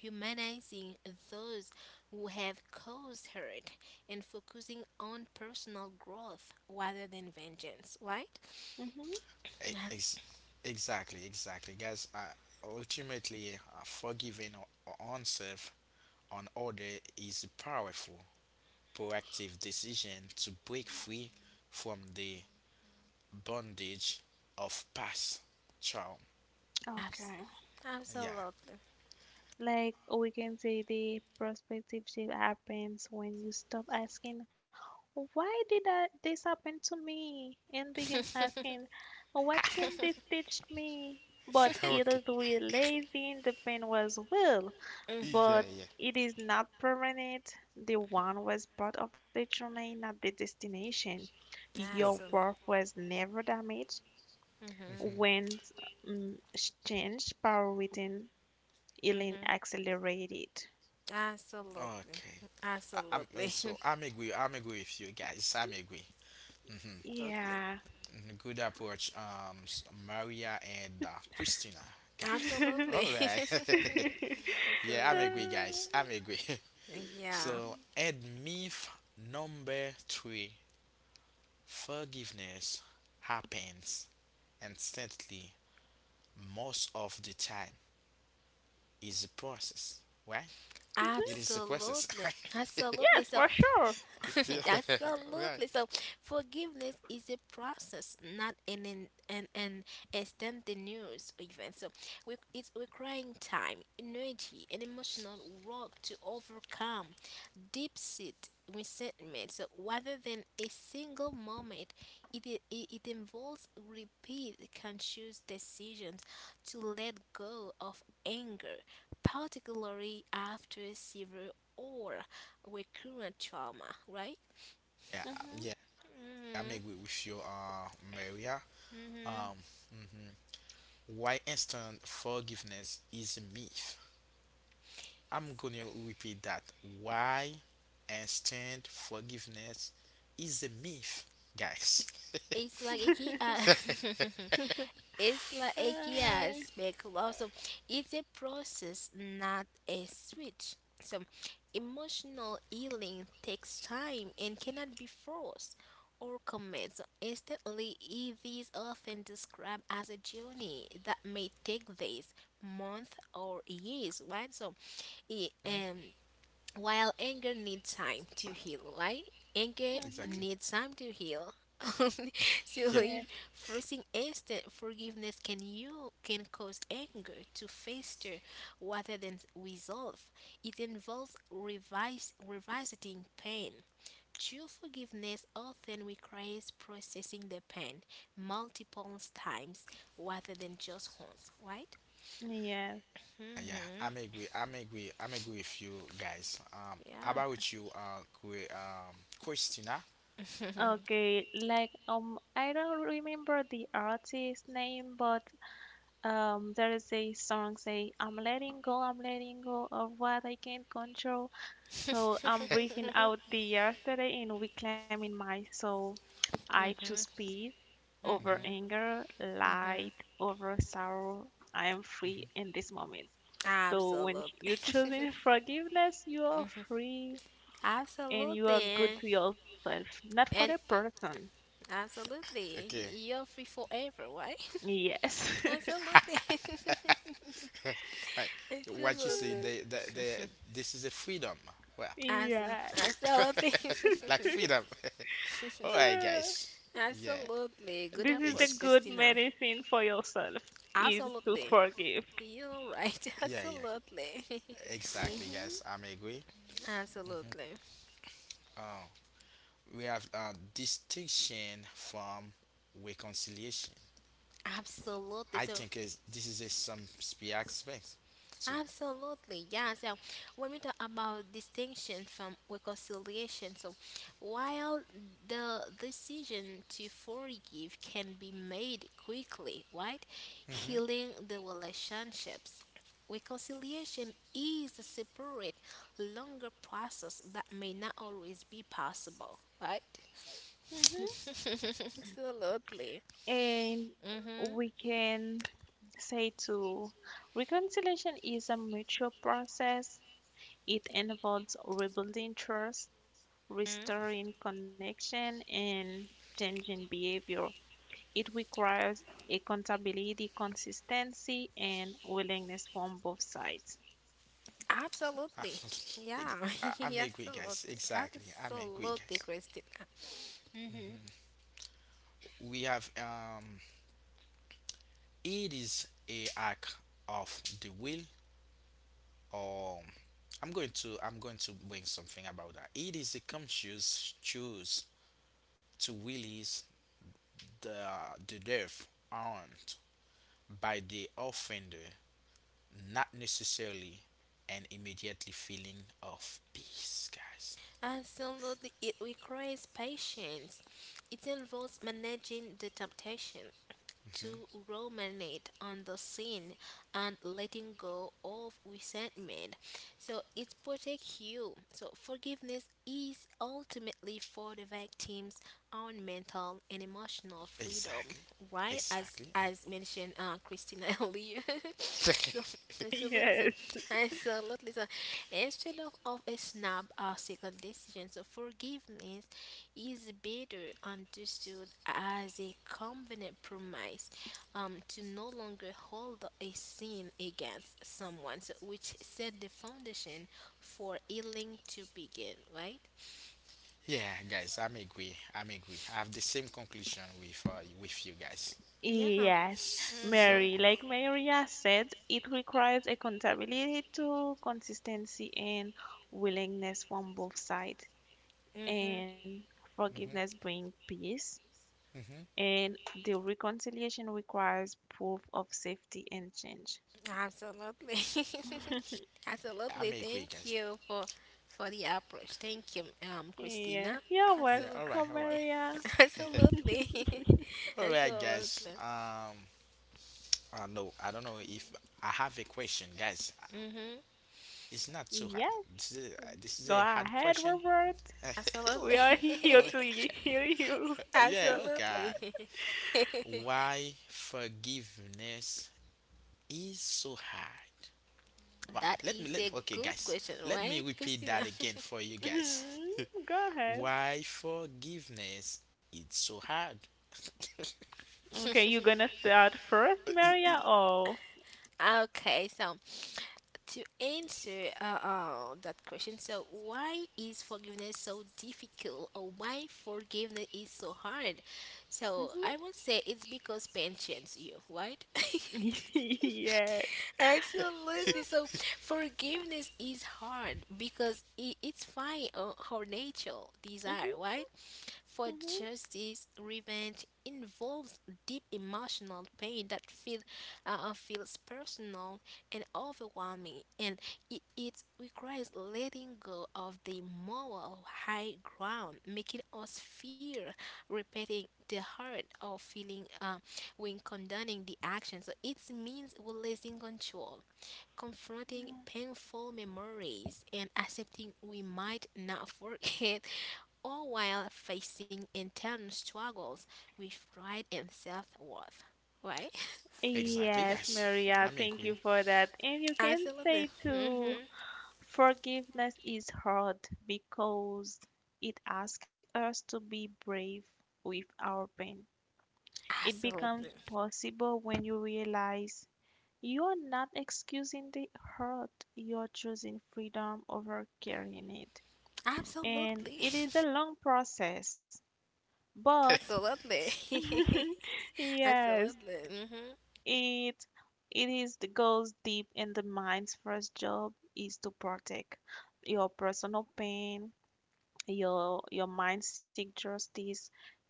B: Humanizing those who have caused hurt and focusing on personal growth rather than vengeance, right?
C: Mm-hmm.
A: e-
B: Abs-
A: ex- exactly, exactly, guys. Uh, ultimately, uh, forgiving o- oneself on order is a powerful, proactive decision to break free from the bondage of past trauma.
B: abs-
C: Okay.
A: Yeah.
B: Absolutely.
C: Like we can say the perspective shift happens when you stop asking, why did I, this happen to me? And begin asking, what can this teach me? But it
A: Okay.
C: is realizing the pain was will,
A: Yeah,
C: but
B: Mm-hmm.
A: yeah.
C: it is not permanent. The one was part of the journey, not the destination.
A: Oh,
C: Your worth
B: Absolutely.
C: was never damaged.
B: Mm-hmm.
A: mhm.
C: When mm, changed, power within healing
B: Mm-hmm.
C: accelerated.
B: Absolutely.
A: Okay. I, I'm uh,
B: Absolutely.
A: so I'm agree. I'm agree with you guys. I'm agree. Mm-hmm.
B: Absolutely.
C: Yeah.
A: Mhm. Good approach, um, s- Maria and uh, Christina, guys.
C: Yes,
B: Absolutely.
A: All right. yeah, I'm
B: Absolutely.
A: agree, guys. I'm agree.
B: Yeah.
A: so, and myth number three: forgiveness happens instantly most of the time. Is a process, right? It is a process.
B: Absolutely. Absolutely. So
C: for sure.
A: yeah, right.
B: absolutely. So forgiveness is a process, not an an an, an instantaneous event. So we, it's requiring time, energy, and emotional work to overcome deep-seated resentment. So rather than a single moment, it it, it involves repeat conscious decisions to let go of anger, particularly after severe or recurrent trauma, right?
C: Hmm.
A: Yeah, I'm
B: hmm
A: agree with you, uh, Maria.
B: hmm
A: Um, mhm. Why instant forgiveness is a myth? I'm gonna repeat that. Why instant forgiveness is a myth, guys.
B: It's like a key. Uh, it's like a key aspect. Also, it's a process, not a switch. So, emotional healing takes time and cannot be forced or commenced instantly. It is often described as a journey that may take days, months, or years. Right? So, it,
A: Mhm.
B: um, while anger needs time to heal, right? Anger
A: Exactly.
B: needs time to heal.
A: Yeah,
B: so you-
C: Yes.
B: Forcing instant forgiveness can you can cause anger to fester rather than resolve. It involves revise, revisiting pain. True forgiveness often requires processing the pain multiple times rather than just once, right?
C: Yes.
A: yeah. I'm
B: Mm-hmm.
A: agree. I'm agree. I'm agree with you guys. Um, about you, uh, Chri- um, Christina.
C: Okay, like um, I don't remember the artist's name, but um, there is a song say, "I'm letting go, I'm letting go of what I can't control." So I'm breathing out the yesterday and reclaiming my soul. I choose peace over
B: Yeah.
A: Mhm.
C: anger,
B: Mhm.
C: light over sorrow. I am free in this moment. So when
B: Absolutely.
C: you're choosing forgiveness, you are
B: Mhm.
C: free and you are good
B: Absolutely.
C: to yourself, not for the
B: And
C: person.
B: absolutely.
A: Okay.
B: You're free forever, right?
C: Yes.
B: Absolutely.
A: Right. What you say?
B: Absolutely.
A: The, the, the, this is a freedom. Well,
B: Abso-
C: Yes.
B: Absolutely.
A: like freedom. All right,
C: Uh,
A: guys. Yeah.
B: Absolutely. Good
C: this is the
B: approach,
A: Ex-
C: good
B: Christina.
C: medicine for yourself is to
B: Absolutely.
C: forgive.
B: You're right.
A: yeah, yeah.
B: Absolutely.
A: Exactly, guys.
C: Hmm.
A: I'm agree.
B: Absolutely.
A: Uh, we have a distinction from reconciliation.
B: Absolutely.
A: I
B: So
A: think is this is a some spe- aspect too.
B: absolutely, yeah. So when we talk about distinction from reconciliation, so while the decision to forgive can be made quickly, right?
A: Mm-hmm.
B: Healing the relationships. Reconciliation is a separate, longer process that may not always be possible, right?
C: Hmm.
B: Absolutely.
C: And
B: Mm-hmm.
C: we can say to reconciliation is a mutual process. It involves rebuilding trust,
B: Mm-hmm.
C: restoring connection, and changing behavior. It requires accountability, consistency, and willingness from both sides.
B: Absolutely. Yeah,
A: I'm
B: yeah,
A: agree, guys.
B: absolutely.
A: Exactly. I'm agree,
B: Absolutely,
A: guys.
B: Christina. Mm-hmm.
A: We have um. It is a act of the will. Or i'm going to I'm going to bring something about that it is a conscious choose to release the the death earned by the offender, not necessarily and immediately feeling of peace, guys.
B: Absolutely. It requires patience. It involves managing the temptation to
A: Hmm.
B: ruminate on the sin and letting go of resentment. So it protects you. So forgiveness is ultimately for the victim's own mental and emotional freedom,
A: Exactly.
B: right? As
A: Exactly.
B: as mentioned, uh, Christina earlier. So absolutely, so
C: Yes.
B: absolutely, so instead of of a snap or second decision, so forgiveness is better understood as a covenant promise um, to no longer hold a sin against someone, so which set the foundation for healing to begin, right?
A: yeah guys, I'm agree. I'm agree. I have the same conclusion with uh, with you guys.
B: Yeah.
C: Yes,
B: Mm-hmm.
A: So,
C: Mary, like Maria said, it requires accountability to consistency and willingness from both sides.
B: Mm-hmm.
C: And forgiveness
A: hmm,
C: brings peace,
A: hmm,
C: and the reconciliation requires proof of safety and change.
B: Absolutely.
A: I
B: Absolutely.
A: may agree,
B: Thank
A: guys.
B: you for for the approach. Thank you, um,
C: Yes,
B: Christina.
C: you're
A: Yeah,
B: Absolutely.
A: all
C: welcome,
A: right, all right,
C: Maria.
B: Absolutely.
A: all right, guys.
B: Absolutely.
A: Um, I know I don't know if I have a question, guys.
B: Hmm
A: It's not too hard.
C: Yes,
A: This is a, this is
C: go
A: a hard
C: ahead,
A: question.
C: Robert. We
B: Absolutely.
C: are here to
A: All right.
C: y- hear you.
A: Yeah, okay.
B: Absolutely.
A: Why forgiveness is so hard? Wow,
B: That
A: let me
B: is
A: let
B: a
A: okay
B: good
A: guys,
B: question,
A: let
B: right,
A: me repeat
B: Christina?
A: that again for you guys.
C: Mhm. Go ahead.
A: Why forgiveness it's so hard.
C: Okay, you gonna start first, Maria, or?
B: Okay, so to answer uh, uh, that question, so why is forgiveness so difficult, or why forgiveness is so hard? So I would say it's because pain changes you, right?
C: Yes.
B: Absolutely. So forgiveness is hard because it it's fine or our natural desire,
C: Mm-hmm,
B: right? For
C: mm-hmm.
B: justice, revenge involves deep emotional pain that feel uh, uh, feels personal and overwhelming, and it, it requires letting go of the moral high ground, making us fear repeating the hurt or feeling um when condoning the action. So it means releasing control, confronting painful memories, and accepting we might not forget, all while facing internal struggles with pride and self worth. Right?
A: exactly
C: Yes,
A: guys.
C: Maria,
A: I'm
C: thank
A: agree.
C: you for that. And you can
B: Absolutely.
C: say too,
B: Hmm
C: forgiveness is hard because it asks us to be brave with our pain. It becomes
B: Absolutely.
C: possible when you realize you're not excusing the hurt, you're choosing freedom over carrying it. And
B: Absolutely.
C: it is a long process, but
B: Absolutely.
C: yes.
B: Absolutely. Hmm
C: It it is the goes deep in the mind's first job is to protect your personal pain, your your mind seek justice,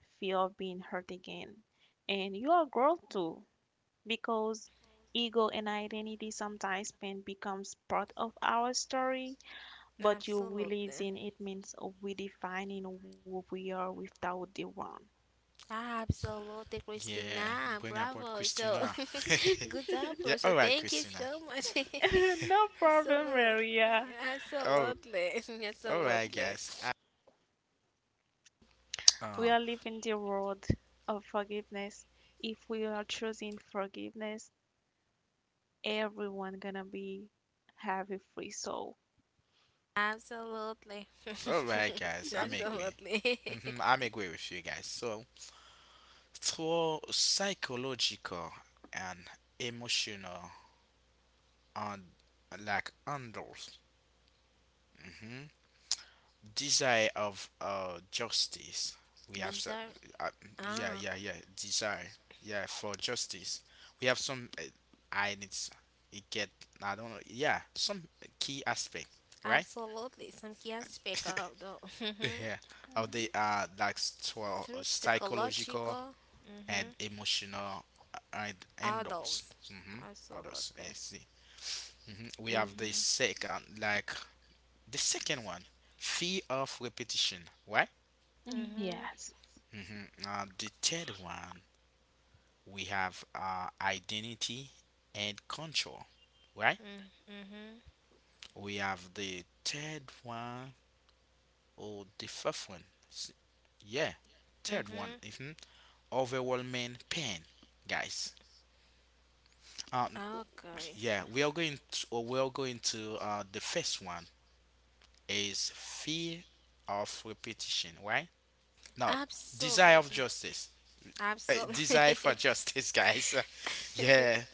C: fear of being hurt again. And your growth too, because ego and identity sometimes pain becomes part of our story, but you
B: Absolutely.
C: releasing it means redefining who we are without the one.
B: Absolutely,
A: Yeah,
B: Christina.
A: bring about
B: Bravo. So,
A: Christina.
B: good
A: yeah,
B: approach. So,
A: alright
B: thank you
A: Christina.
B: so much.
C: No problem,
B: Absolutely.
C: Maria.
A: All
B: Absolutely.
A: alright
B: Absolutely.
A: guys. I,
C: We
A: uh,
C: are living the world of forgiveness. If we are choosing forgiveness, everyone gonna be have a free soul.
B: Absolutely.
A: alright guys, I'm agree.
B: Absolutely.
A: Mm-hmm, I'm agree with you guys. So through psychological and emotional and like handles. Mm-hmm. Desire of uh justice, we have
B: These
A: s-
B: are,
A: uh, yeah
B: ah,
A: yeah yeah, desire yeah for justice. We have some uh, I need s- it get I don't know yeah some key aspect, right?
B: absolutely some key aspect of the mhm,
A: yeah, of the
C: Mhm.
A: uh like s- to, uh,
B: through
A: psychological
B: psychological
A: and
B: mhm,
A: emotional uh, and endorse.
B: adults.
A: Mm-hmm.
B: Absolutely.
A: Others I see. Hmm. We have the
C: Mm,
A: second like the second one, fear of repetition, why?
B: Mm-hmm.
C: yes.
A: Mhm. Uh, the third one we have uh, identity and control, right?
B: Mm-hmm. Mm-hmm.
A: We have the third one or the fourth one. S- yeah, third one.
B: Mm-hmm.
A: Hmm. Overwhelming pain, guys. Um,
B: Okay.
A: yeah, we are going to or we are going to uh, the first one is fear of repetition, right? No, desire of
B: Absolutely.
A: justice. Uh, desire
B: Absolutely.
A: for justice, guys. Yeah.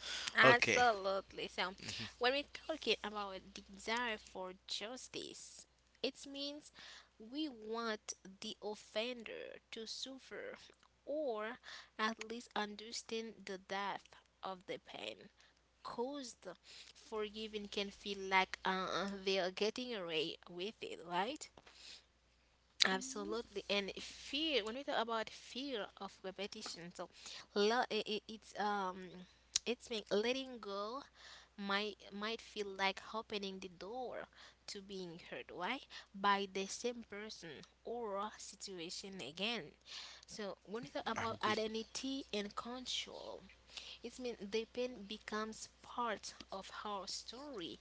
A: Okay.
B: Absolutely. So,
A: Mm-hmm.
B: when we're talking about a desire for justice, it means we want the offender to suffer or at least understand the depth of the pain caused. Forgiving can feel like uh, they are getting away with it, right?
C: Mhm.
B: Absolutely, and fear. When we talk about fear of repetition, so lo- i i- it's um, it's being letting go might might feel like opening the door to being hurt, right, by the same person or situation again. So when we talk
A: I'm
B: about
A: agree.
B: identity and control, it's mean the pain becomes part of our story.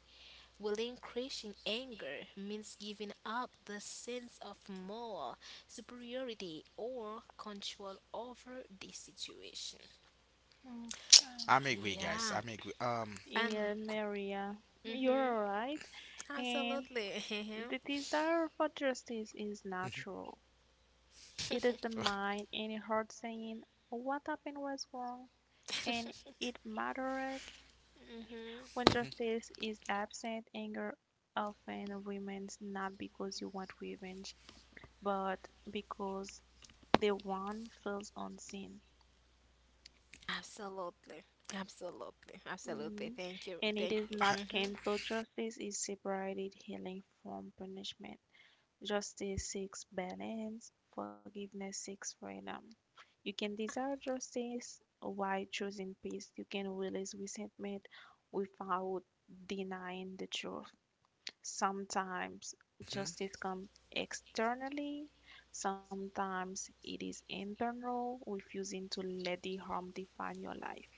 B: Will increasing anger means giving up the sense of moral superiority or control over the situation.
C: Okay.
A: I'm agree, guys.
B: Yeah,
A: I'm agree. Um,
B: and
C: Yeah, Maria, you're
B: mm-hmm,
C: right. And
B: absolutely. Mm-hmm.
C: the desire for justice is natural. It is the mind and heart saying what happened was wrong and it mattered. When
A: mhm,
C: justice is absent, anger often remains not because you want revenge, but because the wrong feels unseen.
B: Absolutely. Absolutely. Absolutely.
C: Mhm.
B: Thank you.
C: And it
B: Thank
C: is
B: you.
C: not
B: Mm-hmm.
C: canceled. Justice is separated healing from punishment. Justice seeks balance, forgiveness seeks freedom. You can desire justice while choosing peace. You can release resentment without denying the truth. Sometimes
A: mhm,
C: justice comes externally, sometimes it is internal, refusing to let the harm define your life.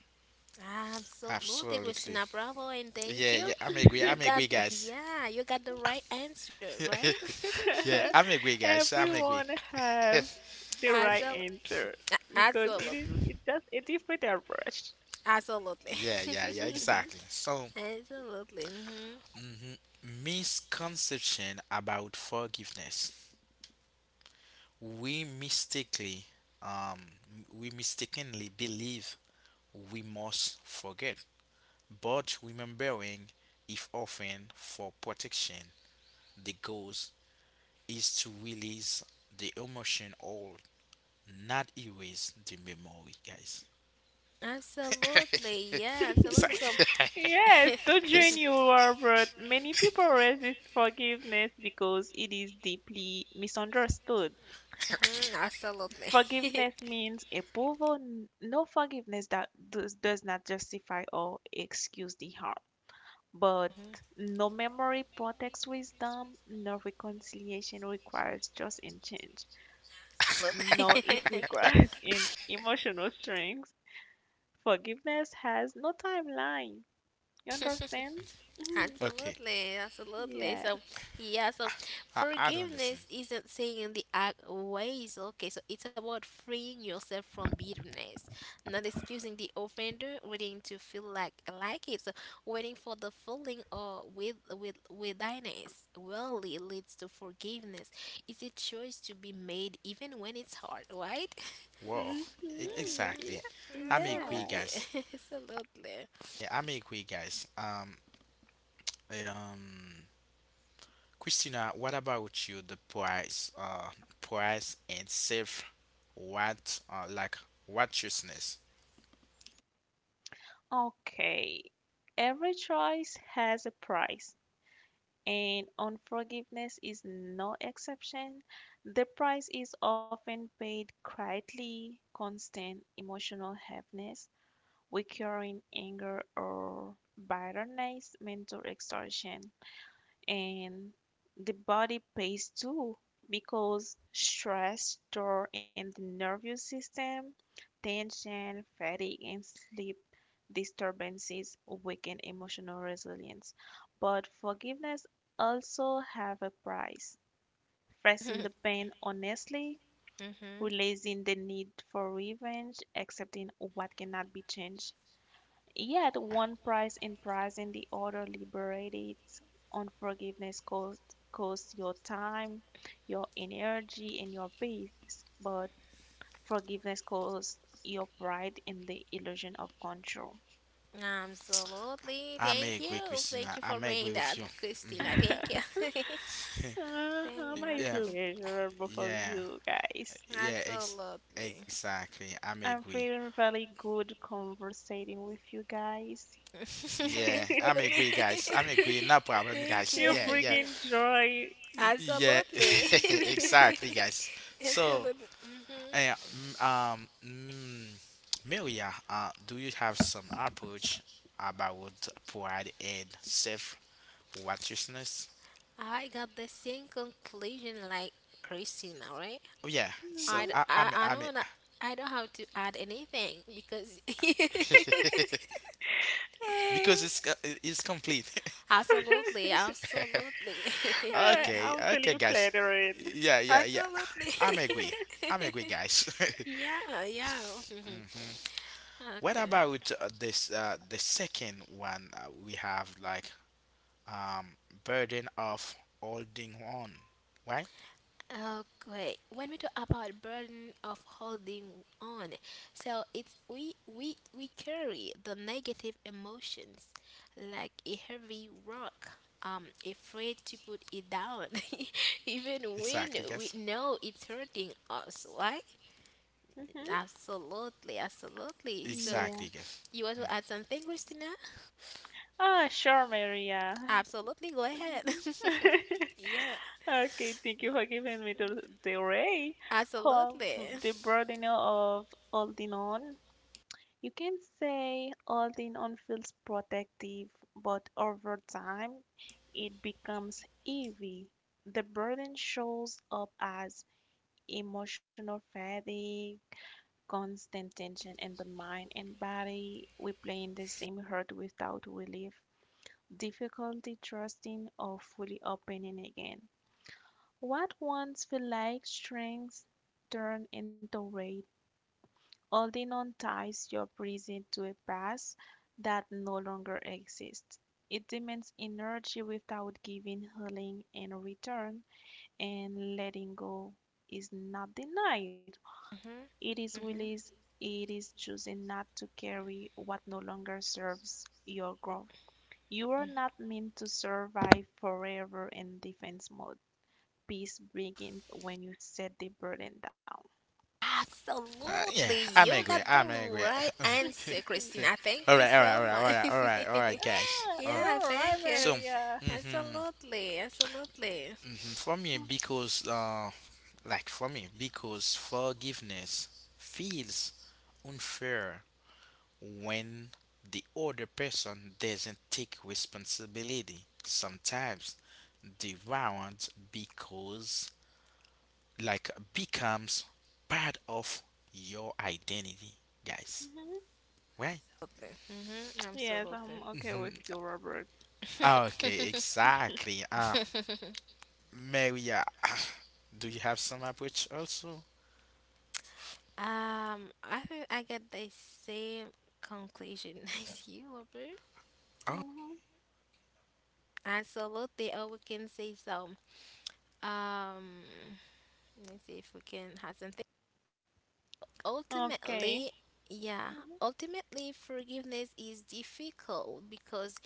B: Absolutely,
A: absolutely.
B: Christina. Bravo and thank
A: Yeah,
B: you.
A: yeah. I'm agree.
B: You
A: I'm
B: got
A: agree, guys.
B: yeah, you got the right answer, right?
A: yeah, I'm agree, guys. I'm agree.
C: Everyone have the right
B: Absolutely.
C: answer because it is
B: Absolutely.
C: it's just a different approach.
B: Absolutely.
A: Yeah, yeah, yeah. Exactly. So,
B: Absolutely. Hmm
A: mhm, misconception about forgiveness. We mistakenly, um, we mistakenly believe we must forget, but remembering, if often for protection, the goals is to release the emotion all not erase the memory, guys.
B: Absolutely. Yeah, absolutely. So,
A: exactly.
C: Yes, don't join
A: Ex-
C: you are, but many people resist forgiveness because it is deeply misunderstood.
B: mhm, absolutely.
C: Forgiveness means approval. N- No forgiveness that does, does not justify or excuse the harm. But
B: Mhm,
C: no memory protects wisdom. No reconciliation requires just in change.
B: look.
C: No, it requires in emotional strength. Forgiveness has no timeline. You understand? Mhm.
A: okay.
B: Absolutely, absolutely.
C: Yes.
B: So, yeah, so
A: I, I don't understand.
B: forgiveness isn't saying the act ways, okay? So, it's about freeing yourself from bitterness, not excusing the offender, waiting to feel like like it, so waiting for the feeling or with with withiness. Well, it leads to forgiveness. It's a choice to be made even when it's hard, right?
A: Whoa. E-
C: Hmm.
B: hmm
C: Yeah.
A: exactly. I'm agree,
C: Yeah.
B: Absolutely,
A: guys.
B: absolutely.
A: Yeah, I'm agree, guys. Um, um, Christina, what about you the price uh price and self what uh like righteousness?
C: Okay. Every choice has a price, and unforgiveness is no exception. The price is often paid quietly, constant emotional heaviness, recurring anger or bitterness, mental exhaustion, and the body pays too because stress stored in the nervous system, tension, fatigue, and sleep disturbances weaken emotional resilience. But forgiveness also have a price. Facing the pain honestly,
B: hmm
C: releasing the need for revenge, accepting what cannot be changed. Yet one price in price and the other liberates unforgiveness cost costs your time, your energy and your peace, but forgiveness costs your pride in the illusion of control.
B: Absolutely.
A: I
B: Thank
A: may agree,
B: you. Thank
A: Christina.
B: you
A: I
B: for
A: may
B: bringing
A: agree
B: that,
A: with you.
B: Christina.
A: Hmm.
B: Thank you. Thank you.
C: Uh, my
A: yeah,
B: Absolutely.
A: f-
C: pleasure, both of
A: yeah,
C: you guys.
A: yeah. Ex-
B: Absolutely.
A: exactly. I may
C: I'm
A: agree.
C: feeling really good conversating with you guys.
A: Yeah, I may
B: Absolutely.
A: agree, guys. I may agree. No problem,
B: Thank
A: guys.
B: you.
C: You're
A: Yeah, yeah,
B: Yeah.
C: bringing joy.
A: yeah.
B: Absolutely.
A: exactly, guys. So,
B: Absolutely. Hmm
A: eh, mm, um, mm, Maria, uh, do you have some approach about pride and self righteousness?
B: I got the same conclusion like Christina, right?
A: Oh yeah. So
B: I,
C: Mhm.
B: d-
A: I, I
B: I,
A: mean,
B: I
A: I
B: don't
A: mean,
B: wanna I don't have to add anything because
A: because
C: Uh,
A: it's co- it's complete.
B: absolutely, absolutely.
C: uh,
B: Yeah.
A: okay,
C: I'm
A: okay,
C: feeling
A: guys.
C: flattered.
A: Yeah, yeah, yeah.
B: Absolutely.
A: I'm agree. I'm agree, guys.
B: Yeah, yeah.
A: Mhm. What
B: Okay.
A: about uh, this? Uh, the second one uh, we have like um burden of holding on, right?
B: Okay. When we talk about burden of holding on, so it's we we we carry the negative emotions like a heavy rock. Um, afraid to put it down, even when
A: Exactly,
B: we
A: guys.
B: know it's hurting us. Why?
C: Mhm.
B: Absolutely, absolutely. So,
C: Yeah.
A: Exactly, guys.
B: you want to add something, Christina?
C: Ah, sure, Maria.
B: Absolutely, go ahead.
C: Mhm.
B: Yeah,
C: Okay, thank you for giving me the, the ray, um,
B: absolutely.
C: the burden of holding on. You can say all the on feels protective, but over time it becomes heavy. The burden shows up as emotional fatigue, constant tension in the mind and body, replaying the same hurt without relief, difficulty trusting or fully opening again. What once felt like strength turn into weight. Holding on ties your present to a past that no longer exists. It demands energy without giving healing in return, and letting go is not denied. It is
B: Hmm hmm
C: release, it is choosing not to carry what no longer serves your growth. You are not meant to survive forever in defense mode. Peace begins when you set the burden down.
A: Uh, yeah,
B: Absolutely,
A: I'm
B: you got
A: agree.
B: the
A: I'm agree.
B: right answer, Christina. Thank
A: all
B: you
A: right, all right,
B: so
A: all right, all right,
B: much.
A: all right, all right, guys.
C: Ah,
A: Um,
B: Yeah,
C: you're right,
B: thank you.
A: so,
C: Maria.
A: mm-hmm,
B: Absolutely, absolutely.
A: mm-hmm, for me, because uh, Like for me, because forgiveness feels unfair when the other person doesn't take responsibility. Sometimes the wound because like becomes part of your identity, guys.
C: Mhm.
A: Right?
B: Absolutely. Mm-hmm,
C: Yes,
B: absolutely.
C: I'm okay with
A: Mhm.
C: you, Robert.
A: Okay, exactly. Uh, Maria, do you have some approach also?
B: Um, I think I get the same conclusion as you, Robert.
A: Oh,
C: Mhm.
B: Absolutely, or we can say so. Um, let's see if we can have some
C: Okay.
B: ultimately yeah
C: Mhm.
B: ultimately forgiveness is difficult because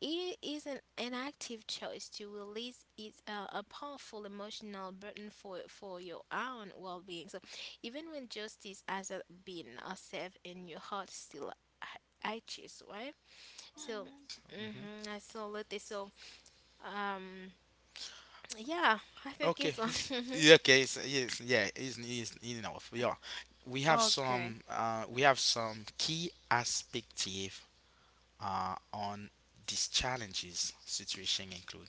B: it is an, an active choice to release it a, a powerful emotional burden for for your own well-being, so even when justice hasn't been uh, served and your heart still itches, right? So
C: Mhm.
A: mhm.
B: mm-hmm, absolutely, so um yeah I think
A: Okay.
B: it's one.
A: Yeah, okay. It's, yes. Yeah. It's, it's enough. Yeah. We have
C: Okay.
A: some. Uh, we have some key perspective. Uh, on these challenges situation include.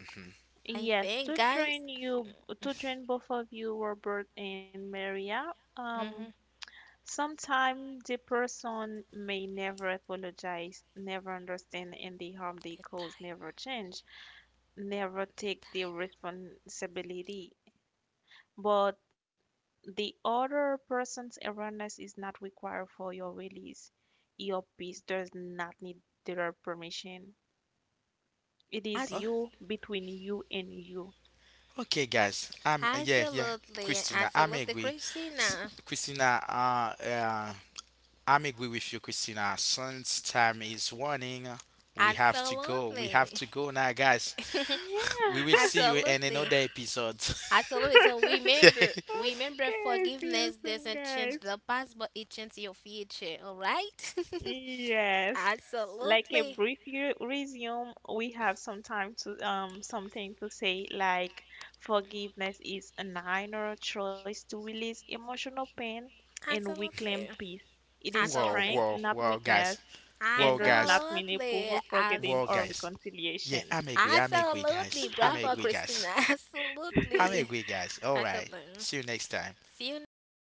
A: Hmm.
B: I
C: Yes,
B: think
C: to
B: guys
C: join you, to join both of you, Robert and Maria. Um,
B: mm-hmm,
C: sometimes the person may never apologize, never understand, and the harm they
B: the
C: cause
B: time
C: never change, never
B: the
C: take the
B: time
C: responsibility. But the other person's awareness is not required for your release. Your peace does not need their permission. It is
A: Oh,
B: that's
C: you between you and you.
A: okay, guys. Um. Yeah. Yeah.
B: absolutely,
A: Christina, I'm
B: absolutely,
A: agree. S-
B: Christina.
A: Christina. Uh. uh I'm agree with you, Christina. Since time is running, we have to go. We have
B: Absolutely,
A: to go now, guys. we will
C: Yeah.
A: see you in
B: absolutely,
A: another episode.
B: absolutely. So remember, remember,
C: Okay, see you
B: forgiveness
C: soon,
B: doesn't change
C: guys.
B: the past, but it changes your future. All right?
C: Yes. Like a
B: Absolutely,
C: brief u- resume, we have some time to um something to say like forgiveness is an inner choice to release emotional pain and reclaim
B: absolutely,
C: peace. It is
A: Whoa,
B: absolutely,
C: strength,
A: whoa,
C: not
A: whoa,
C: weakness,
A: guys.
C: and
A: Whoa,
C: does
A: guys.
C: not mean
B: absolutely,
C: approval,
B: as
C: forgetting,
A: Whoa,
C: or
A: guys. Yeah,
C: reconciliation.
A: I'm agree. I'm agree,
B: absolutely,
A: guys. I'm
B: bravo,
A: agree,
B: Christina.
A: guys. I'm
B: Absolutely,
A: agree, guys. All right.
B: absolutely.
A: See you next time.
B: See you next
C: Okay.
B: time.